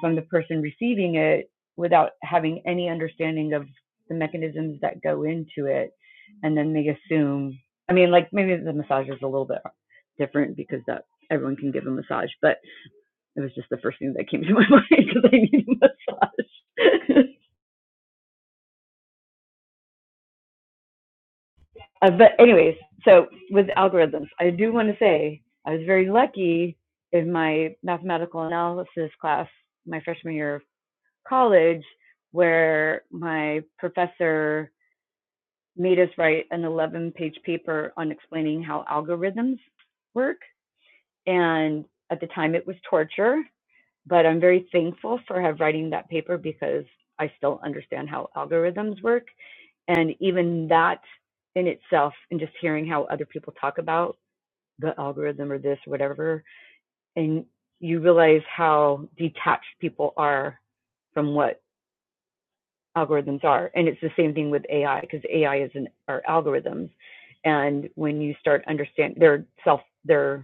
from the person receiving it without having any understanding of the mechanisms that go into it and then they assume i mean like maybe the massage is a little bit different because that everyone can give a massage but it was just the first thing that came to my mind because I need a massage. uh, but anyways, so with algorithms, I do want to say I was very lucky in my mathematical analysis class my freshman year of college, where my professor made us write an 11 page paper on explaining how algorithms work. And at the time, it was torture but I'm very thankful for have writing that paper because I still understand how algorithms work, and even that in itself, and just hearing how other people talk about the algorithm or this or whatever, and you realize how detached people are from what algorithms are, and it's the same thing with AI because AI is an are algorithms, and when you start understand their self, their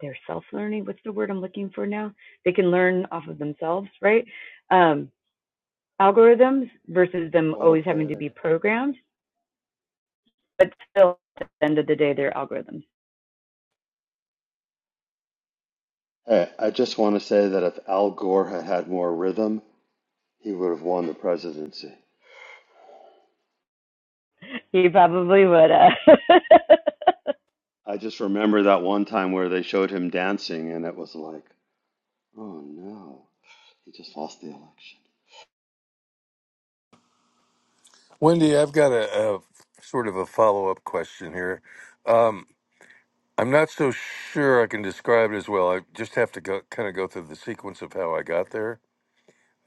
they're self-learning what's the word i'm looking for now they can learn off of themselves right um, algorithms versus them always having to Autopoietic. be programmed but still at the end of the day they're algorithms Hey, I just want to say that if Al Gore had had more rhythm, he would have won the presidency. he probably would uh, I just remember that one time where they showed him dancing, and it was like, oh no, he just lost the election. Wendy, I've got a, a sort of a follow up question here. Um, I'm not so sure I can describe it as well. I just have to go, kind of go through the sequence of how I got there.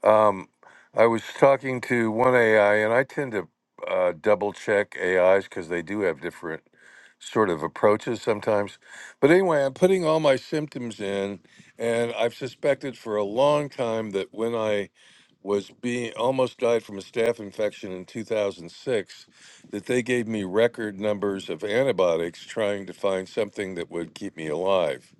Um, I was talking to one AI, and I tend to uh, double check AIs because they do have different sort of approaches sometimes. But anyway, I'm putting all my symptoms in, and I've suspected for a long time that when I was being almost died from a staph infection in 2006 that they gave me record numbers of antibiotics trying to find something that would keep me alive.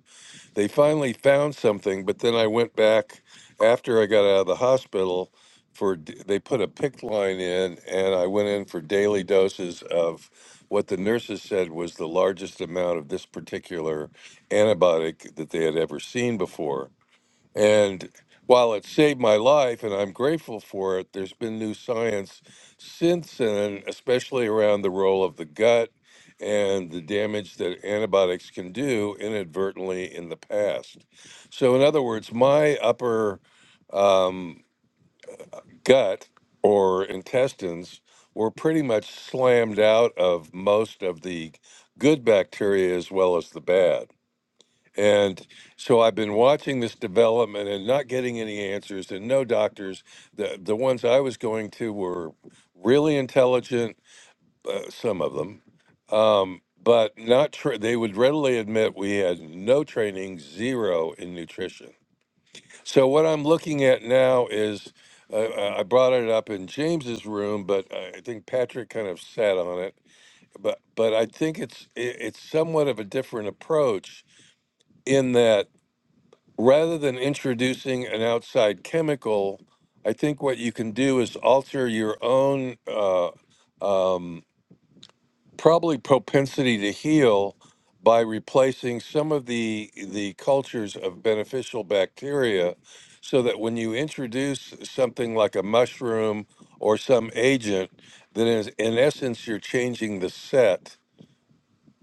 They finally found something, but then I went back after I got out of the hospital for d- they put a PICC line in and I went in for daily doses of what the nurses said was the largest amount of this particular antibiotic that they had ever seen before and while it saved my life and I'm grateful for it, there's been new science since then, especially around the role of the gut and the damage that antibiotics can do inadvertently in the past. So, in other words, my upper um, gut or intestines were pretty much slammed out of most of the good bacteria as well as the bad. And so I've been watching this development and not getting any answers and no doctors. The the ones I was going to were really intelligent, uh, some of them, um, but not. Tra- they would readily admit we had no training, zero in nutrition. So what I'm looking at now is. Uh, I I brought it up in James's room, but I I think Patrick kind of sat on it. But but I think it's it, it's somewhat of a different approach in that rather than introducing an outside chemical, I think what you can do is alter your own uh, um, probably propensity to heal by replacing some of the the cultures of beneficial bacteria, so that when you introduce something like a mushroom or some agent, then is, in essence you're changing the set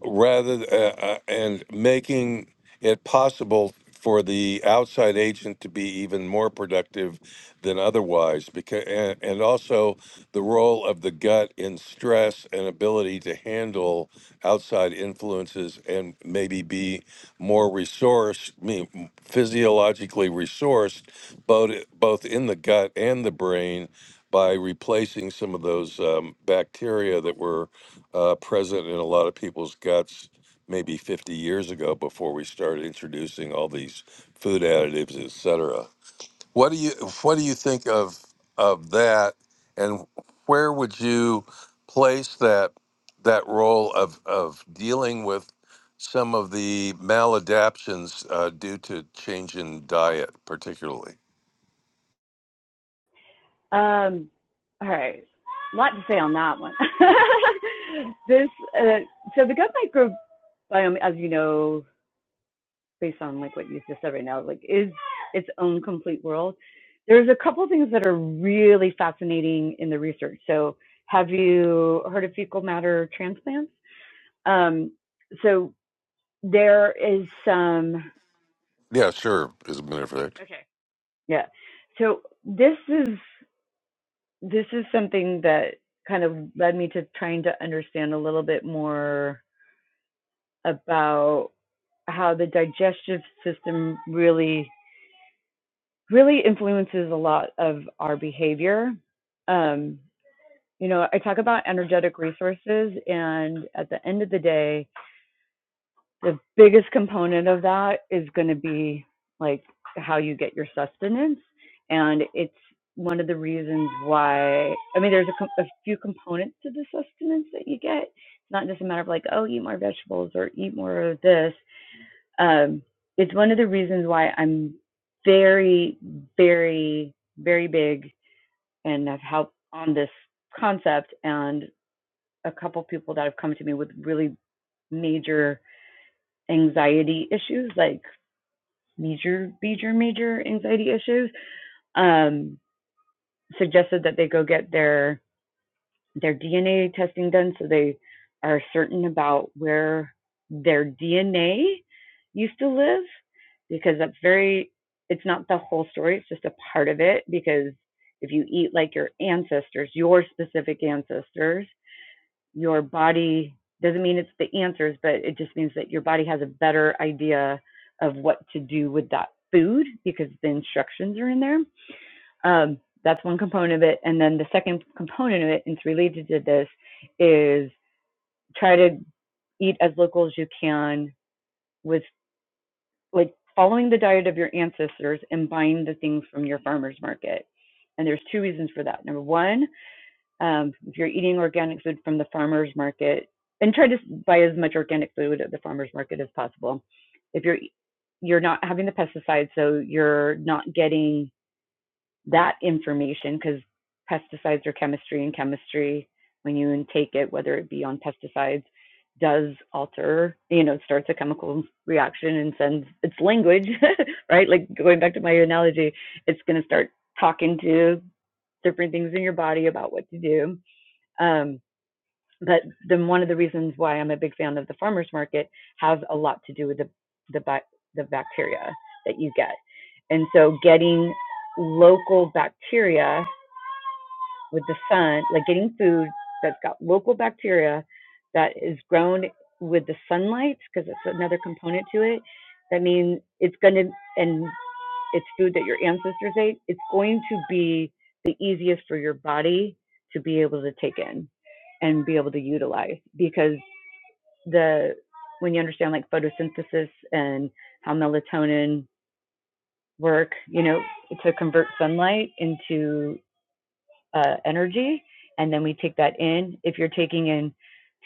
rather uh, uh, and making it possible for the outside agent to be even more productive than otherwise because and, and also the role of the gut in stress and ability to handle outside influences and maybe be more resourced I mean, physiologically resourced both both in the gut and the brain by replacing some of those um, bacteria that were uh, present in a lot of people's guts maybe 50 years ago before we started introducing all these food additives, et cetera. What do you what do you think of of that, and where would you place that that role of of dealing with some of the maladaptions uh, due to change in diet, particularly? um, all right a lot to say on that one this uh, so the gut microbiome as you know based on like what you just said right now, like is its own complete world. There's a couple of things that are really fascinating in the research. So have you heard of fecal matter transplants? Um, so there is some Yeah, sure. As a matter of fact. Okay. yeah. So this is this is something that kind of led me to trying to understand a little bit more about how the digestive system really really influences a lot of our behavior. Um, you know, I talk about energetic resources, and at the end of the day, the biggest component of that is going to be like how you get your sustenance. And it's one of the reasons why, I mean, there's a, a few components to the sustenance that you get. It's not just a matter of like, oh, eat more vegetables or eat more of this um, it's one of the reasons why I'm very, very, very big and I've helped on this concept and a couple people that have come to me with really major anxiety issues, like major, major, major anxiety issues, um, suggested that they go get their their DNA testing done, so they are certain about where their DNA used to live, because that's very, it's not the whole story, it's just a part of it. Because if you eat like your ancestors, your specific ancestors, your body doesn't mean it's the answers, but it just means that your body has a better idea of what to do with that food because the instructions are in there. Um, that's one component of it. And then the second component of it, and it's related to this, is try to eat as local as you can with like following the diet of your ancestors and buying the things from your farmer's market. And there's two reasons for that. Number one, um, if you're eating organic food from the farmer's market, and try to buy as much organic food at the farmer's market as possible. If you're you're not having the pesticides, so you're not getting that information because pesticides are chemistry and chemistry when you intake it whether it be on pesticides does alter you know starts a chemical reaction and sends its language right like going back to my analogy it's going to start talking to different things in your body about what to do um, but then one of the reasons why I'm a big fan of the farmers market has a lot to do with the the the bacteria that you get, and so getting local bacteria with the sun, like getting food that's got local bacteria that is grown with the sunlight, because it's another component to it. That means it's going to and it's food that your ancestors ate, it's going to be the easiest for your body to be able to take in and be able to utilize because the when you understand like photosynthesis and how melatonin work, you know, to convert sunlight into uh, energy, and then we take that in. If you're taking in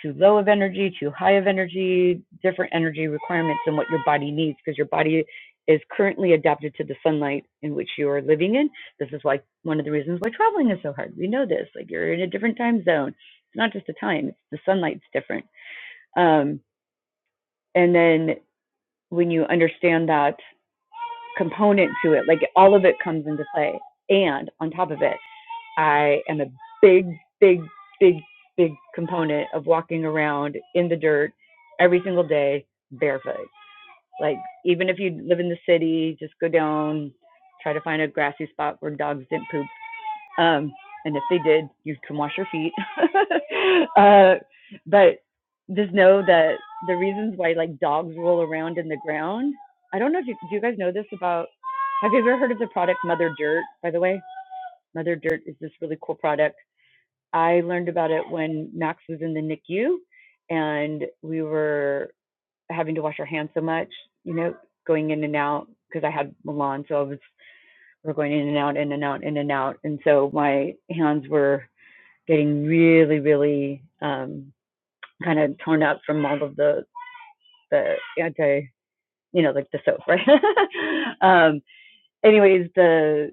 too low of energy, too high of energy, different energy requirements than what your body needs, because your body is currently adapted to the sunlight in which you are living in. This is why one of the reasons why traveling is so hard. We know this. Like you're in a different time zone. It's not just the time; it's the sunlight's different. Um, and then when you understand that component to it, like all of it comes into play. And on top of it, I am a big, big, big, big component of walking around in the dirt every single day barefoot. Like, even if you live in the city, just go down, try to find a grassy spot where dogs didn't poop. Um, and if they did, you can wash your feet. uh, but just know that the reasons why like dogs roll around in the ground. I don't know if you do you guys know this about have you ever heard of the product Mother Dirt, by the way? Mother Dirt is this really cool product I learned about it when Max was in the NICU and we were having to wash our hands so much, you know, going in and out because I had Milan, so I was we're going in and out, in and out, in and out, and so my hands were getting really, really um, kind of torn up from all of the the anti, you know, like the soap, right? um, anyways, the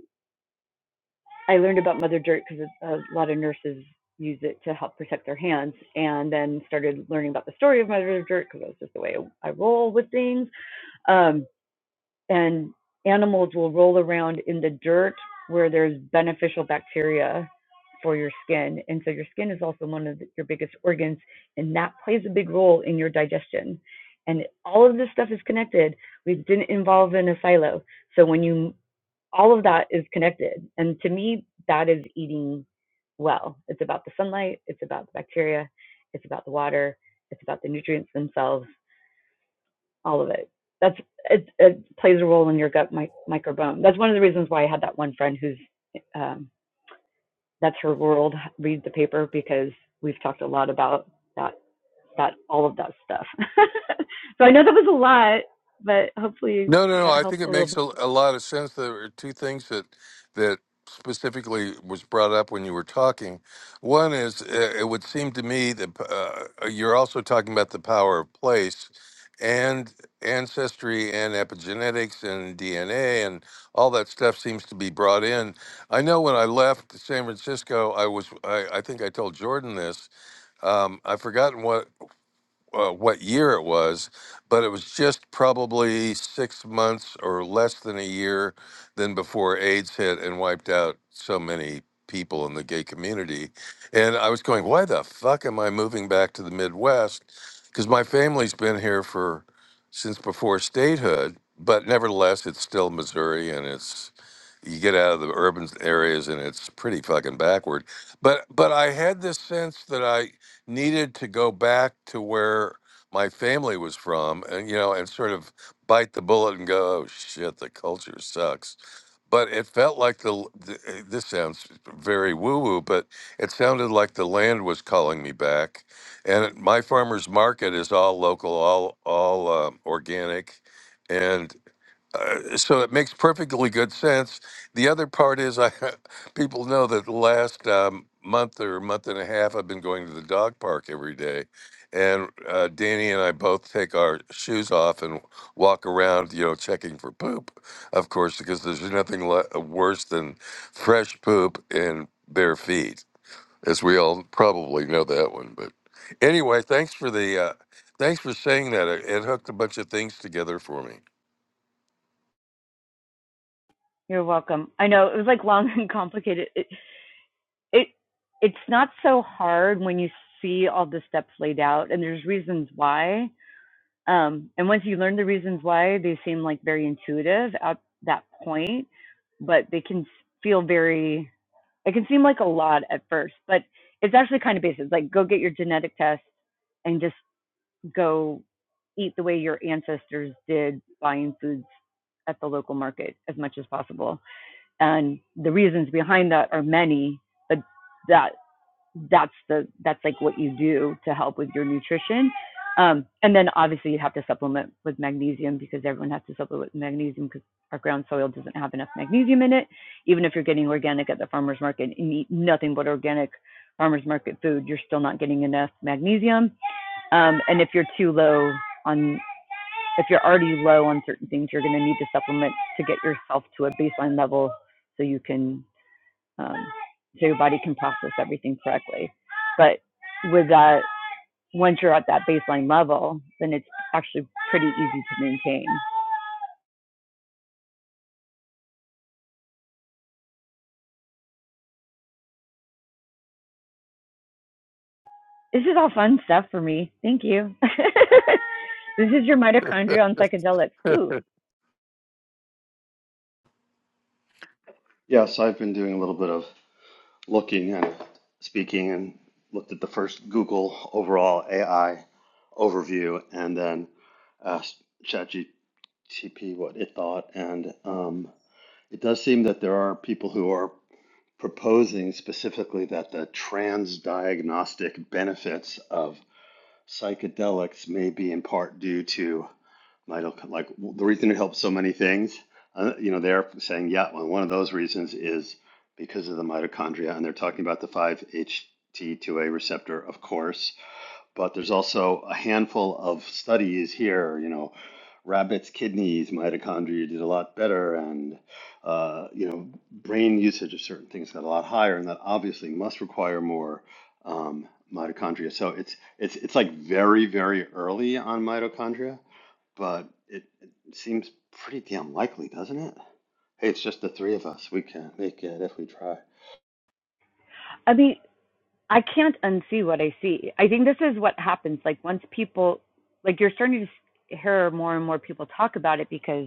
I learned about mother dirt because a lot of nurses use it to help protect their hands, and then started learning about the story of mother dirt because that's just the way I roll with things. Um, and animals will roll around in the dirt where there's beneficial bacteria for your skin, and so your skin is also one of the, your biggest organs, and that plays a big role in your digestion. And all of this stuff is connected. We didn't involve in a silo. So when you all of that is connected. And to me, that is eating well. It's about the sunlight, it's about the bacteria, it's about the water, it's about the nutrients themselves, all of it. That's it, it plays a role in your gut mi- microbiome. That's one of the reasons why I had that one friend who's um, that's her world. Read the paper because we've talked a lot about that that all of that stuff. so I know that was a lot, but hopefully No, no, no. that I think helped a it little makes bit. a, a lot of sense. There are two things that that specifically was brought up when you were talking. One is uh, it would seem to me that uh, you're also talking about the power of place and ancestry and epigenetics and DNA and all that stuff seems to be brought in. I know when I left San Francisco, I was I, I think I told Jordan this. Um, I've forgotten what uh, what year it was, but it was just probably six months or less than a year than before AIDS hit and wiped out so many people in the gay community. And I was going, why the fuck am I moving back to the Midwest? Because my family's been here for since before statehood, but nevertheless, it's still Missouri and it's you get out of the urban areas and it's pretty fucking backward but but i had this sense that i needed to go back to where my family was from and you know and sort of bite the bullet and go oh shit the culture sucks but it felt like the, l- the eh, this sounds very woo woo but it sounded like the land was calling me back and it- my farmers market is all local all all um, organic uh, so it makes perfectly good sense. The other part is, I people know that the last um, month or month and a half, I've been going to the dog park every day, and uh, Danny and I both take our shoes off and walk around, you know, checking for poop, of course, because there's nothing le- uh, worse than fresh poop and bare feet, as we all probably know that one. But anyway, thanks for the. Uh, Thanks for saying that. It it hooked a bunch of things together for me. You're welcome. I know it was like long and complicated. It, it it's not so hard when you see all the steps laid out and there's reasons why um and once you learn the reasons why they seem like very intuitive at that point but they can feel very it can seem like a lot at first but it's actually kind of basic like go get your genetic test and just go eat the way your ancestors did buying foods at the local market as much as possible and the reasons behind that are many but that that's the that's like what you do to help with your nutrition. Um, and then obviously you have to supplement with magnesium because everyone has to supplement with magnesium because our ground soil doesn't have enough magnesium in it. Even if you're getting organic at the farmers market and eat nothing but organic farmers market food, you're still not getting enough magnesium. Um, and if you're too low on if you're already low on certain things, you're going to need to supplement to get yourself to a baseline level so you can um, so your body can process everything correctly. But with that, once you're at that baseline level, then it's actually pretty easy to maintain. This is all fun stuff for me. Thank you. this is your mitochondria on psychedelics. Ooh, Yes, I've been doing a little bit of looking and speaking and looked at the first Google overall AI overview and then asked ChatGTP what it thought. And um, it does seem that there are people who are proposing specifically that the transdiagnostic benefits of psychedelics may be in part due to mitoc like the reason it helps so many things. Uh, you know, they're saying yeah. Well, one of those reasons is because of the mitochondria, and they're talking about the 5-HT2A receptor, of course but there's also a handful of studies here. You know, rabbits' kidneys, mitochondria did a lot better, and uh, you know, brain usage of certain things got a lot higher, and that obviously must require more um, mitochondria. So it's it's it's like very very early on mitochondria, but it, it seems pretty damn likely, doesn't it? Hey, it's just the three of us. We can make it if we try. I mean, I can't unsee what I see. I think this is what happens. Like once people, like you're starting to hear more and more people talk about it because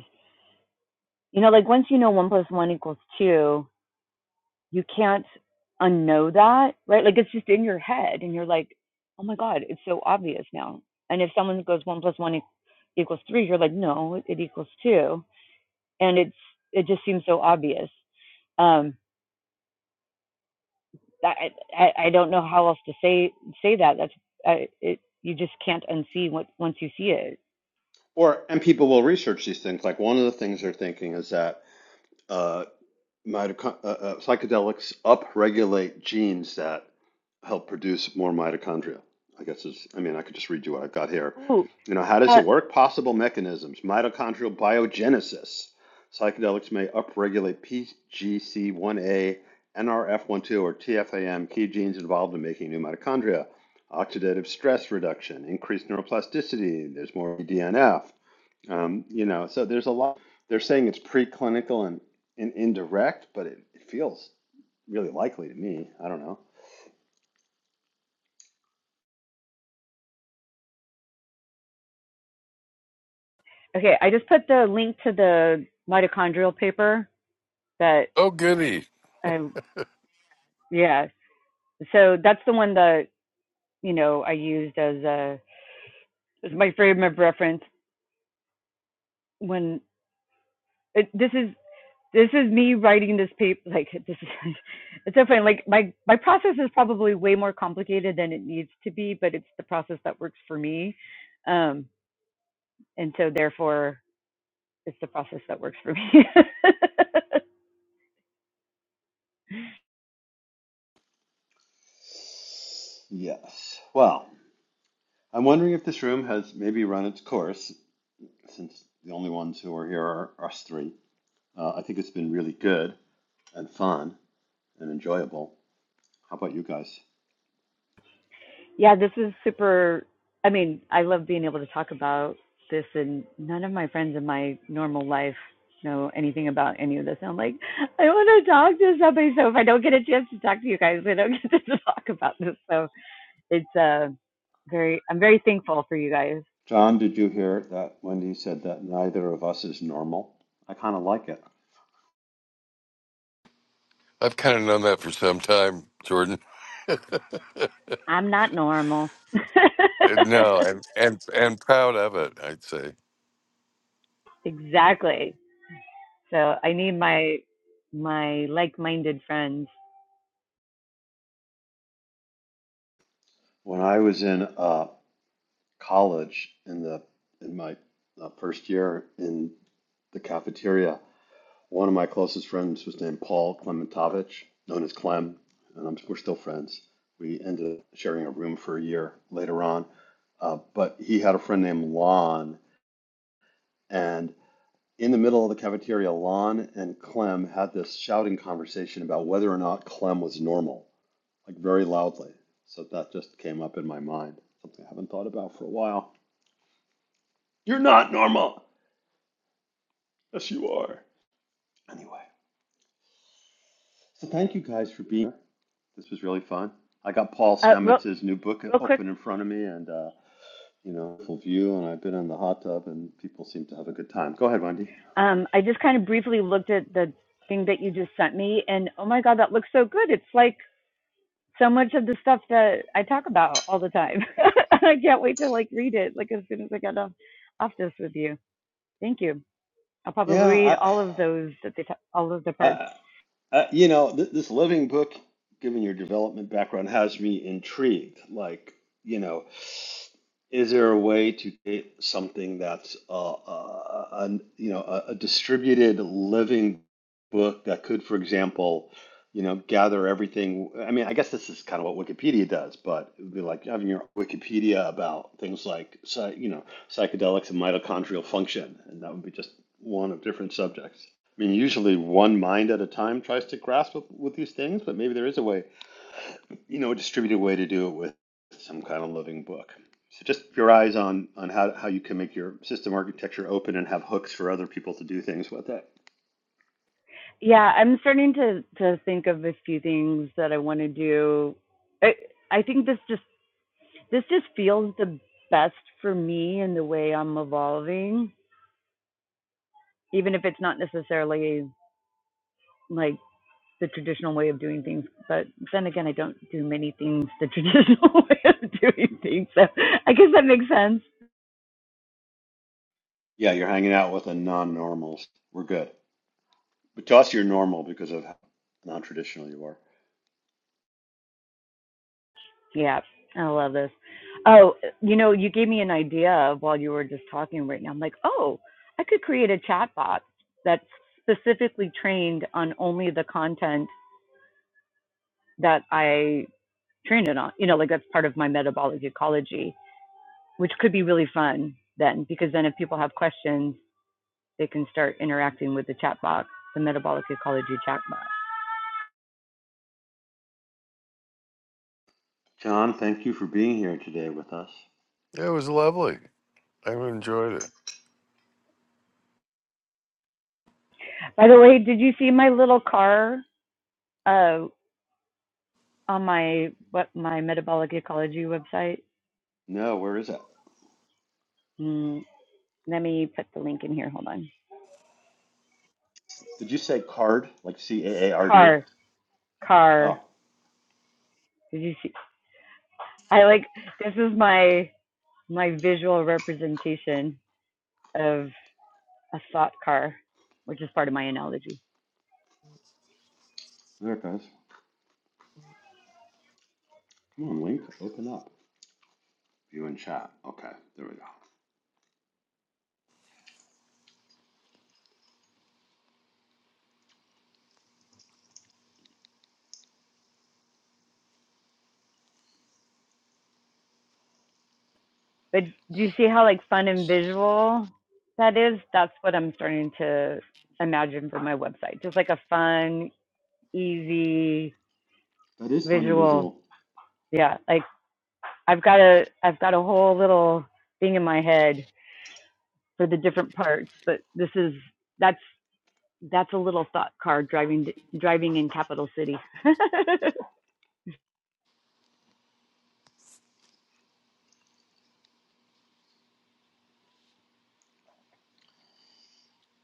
you know, like once you know one plus one equals two, you can't unknow that, right? Like it's just in your head, and you're like, oh my god, it's so obvious now. And if someone goes one plus one e- equals three, you're like, no, it, it equals two, and it's it just seems so obvious. Um, I, I I don't know how else to say say that. That's I, it. You just can't unsee what once you see it. Or and people will research these things. Like one of the things they're thinking is that uh, mitochon- uh, uh, psychedelics upregulate genes that help produce more mitochondria. I guess is, I mean, I could just read you what I've got here. Ooh, You know, how does uh, it work? Possible mechanisms: mitochondrial biogenesis. Psychedelics may upregulate PGC1A, NRF12, or TFAM, key genes involved in making new mitochondria. Oxidative stress reduction, increased neuroplasticity. There's more DNF um, you know, so there's a lot. They're saying it's preclinical and, and indirect, but it, it feels really likely to me. I don't know. okay. I just put the link to the mitochondrial paper that Oh, goody. I yeah. So that's the one that you know I used as a as my frame of reference when it, this is this is me writing this paper like this is it's so funny like my my process is probably way more complicated than it needs to be but it's the process that works for me um and so therefore it's the process that works for me Yes. Well, I'm wondering if this room has maybe run its course since the only ones who are here are us three. Uh, I think it's been really good and fun and enjoyable. How about you guys? Yeah, this is super. I mean, I love being able to talk about this, and none of my friends in my normal life know anything about any of this. And I'm like, I want to talk to somebody. So if I don't get a chance to talk to you guys, I don't get to talk about this. So it's uh, very, I'm very thankful for you guys. John, did you hear that Wendy said that neither of us is normal? I kind of like it. I've kind of known that for some time, Jordan. I'm not normal. And No, and and and proud of it. I'd say exactly. So I need my my like-minded friends. When I was in uh, college in the in my uh, first year in the cafeteria, one of my closest friends was named Paul Klementovich, known as Clem, and I'm, we're still friends. We ended up sharing a room for a year later on, uh, but he had a friend named Lon, and in the middle of the cafeteria, Lon and Clem had this shouting conversation about whether or not Clem was normal, like very loudly. So that just came up in my mind, something I haven't thought about for a while. You're not normal. Yes, you are. Anyway, so thank you guys for being here. This was really fun. I got Paul Uh, real, Stamets' new book real quick. open in front of me and, uh, you know, full view, and I've been in the hot tub, and people seem to have a good time. Go ahead, Wendy. Um, I just kind of briefly looked at the thing that you just sent me, and oh my God, that looks so good. It's like so much of the stuff that I talk about all the time. I can't wait to like read it like as soon as I get off, off this with you. Thank you. I'll probably Yeah, read I, all of those that they ta- all of the parts. I, Uh, you know, th- this living book, given your development background, has me intrigued. Like, you know, is there a way to create something that's, uh, uh, uh, an, you know, a, a distributed living book that could, for example, you know, gather everything? I mean, I guess this is kind of what Wikipedia does, but it would be like having your Wikipedia about things like, psy- you know, psychedelics and mitochondrial function, and that would be just one of different subjects. I mean, usually one mind at a time tries to grasp with, with these things, but maybe there is a way, you know, a distributed way to do it with some kind of living book. So just your eyes on on how how you can make your system architecture open and have hooks for other people to do things with it. Yeah, I'm starting to to think of a few things that I want to do. I I think this just this just feels the best for me in the way I'm evolving, even if it's not necessarily like the traditional way of doing things. But then again, I don't do many things the traditional way of doing things. So I guess that makes sense. Yeah, you're hanging out with a non-normal. We're good. But to us, you're normal because of how non-traditional you are. Yeah, I love this. Oh, you know, you gave me an idea of while you were just talking right now. I'm like, oh, I could create a chat box that's specifically trained on only the content that I trained it on. You know, like that's part of my metabolic ecology, which could be really fun then, because then if people have questions, they can start interacting with the chat box, the metabolic ecology chat box. John, thank you for being here today with us. Yeah, it was lovely. I enjoyed By the way, did you see my little car uh, on my what my metabolic ecology website? No, where is it? Mm, let me put the link in here. Hold on. Did you say card? Like C A A R D? Car, car. Oh, Did you see? I like this is my my visual representation of a thought car, which is part of my analogy. there it goes. Come on, Link. Open up. View and chat. Okay, there we go. But do you see how like fun and visual that is? That's what I'm starting to imagine for my website. Just like a fun, easy That is fun and visual. visual. Yeah, like I've got a I've got a whole little thing in my head for the different parts, but this is that's that's a little thought car driving driving in capital city.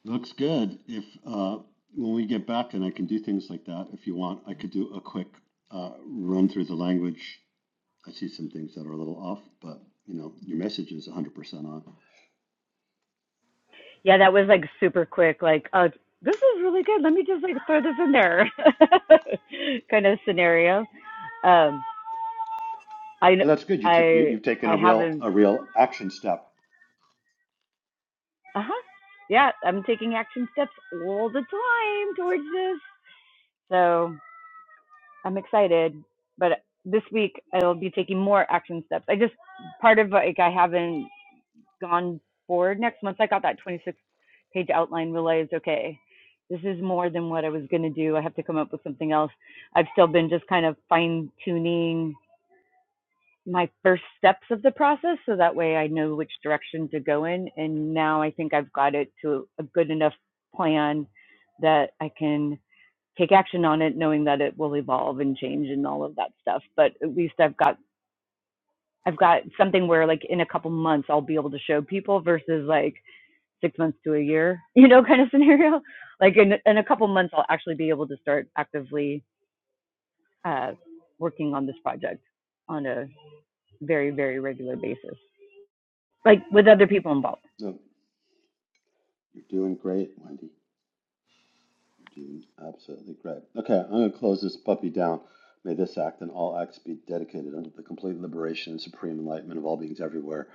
Looks good. If uh, when we get back and I can do things like that, if you want, I could do a quick uh, run through the language. I see some things that are a little off, but you know, your message is 100% on. yeah, that was like super quick like oh, this is really good. Let me just like throw this in there kind of scenario. Um I No, that's good. You took you, I you've taken I a real haven't. a real action step. Uh huh. Yeah, I'm taking action steps all the time towards this. So I'm excited. But this week I'll be taking more action steps. I just part of like I haven't gone forward. Next month I got that 26 page outline. Realized okay, this is more than what I was gonna do. I have to come up with something else. I've still been just kind of fine tuning my first steps of the process so that way I know which direction to go in. And now I think I've got it to a good enough plan that I can take action on it knowing that it will evolve and change and all of that stuff. But at least I've got I've got something where like in a couple months I'll be able to show people versus like six months to a year, you know, kind of scenario. Like in in a couple months I'll actually be able to start actively uh working on this project on a very, very regular basis. like with other people involved. No, you're doing great, Wendy. You're doing absolutely great. Okay, I'm going to close this puppy down. May this act and all acts be dedicated unto the complete liberation and supreme enlightenment of all beings everywhere.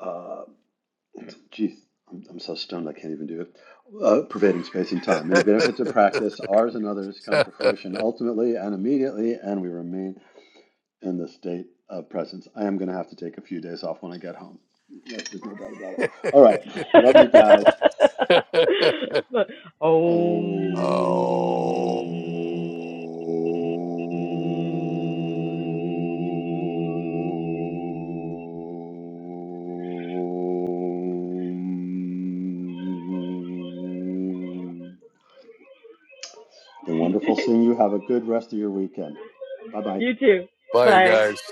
Uh, geez, I'm, I'm so stoned I can't even do it. Uh, pervading space and time. Many benefits of it. practice, ours and others, come to fruition ultimately and immediately, and we remain in the state of presence. I am going to have to take a few days off when I get home. Yes, there's no doubt about it. All right. Love you guys. Om. Oh, oh, Been wonderful seeing you. Have a good rest of your weekend. Bye bye. You too. bye, you Bye. guys.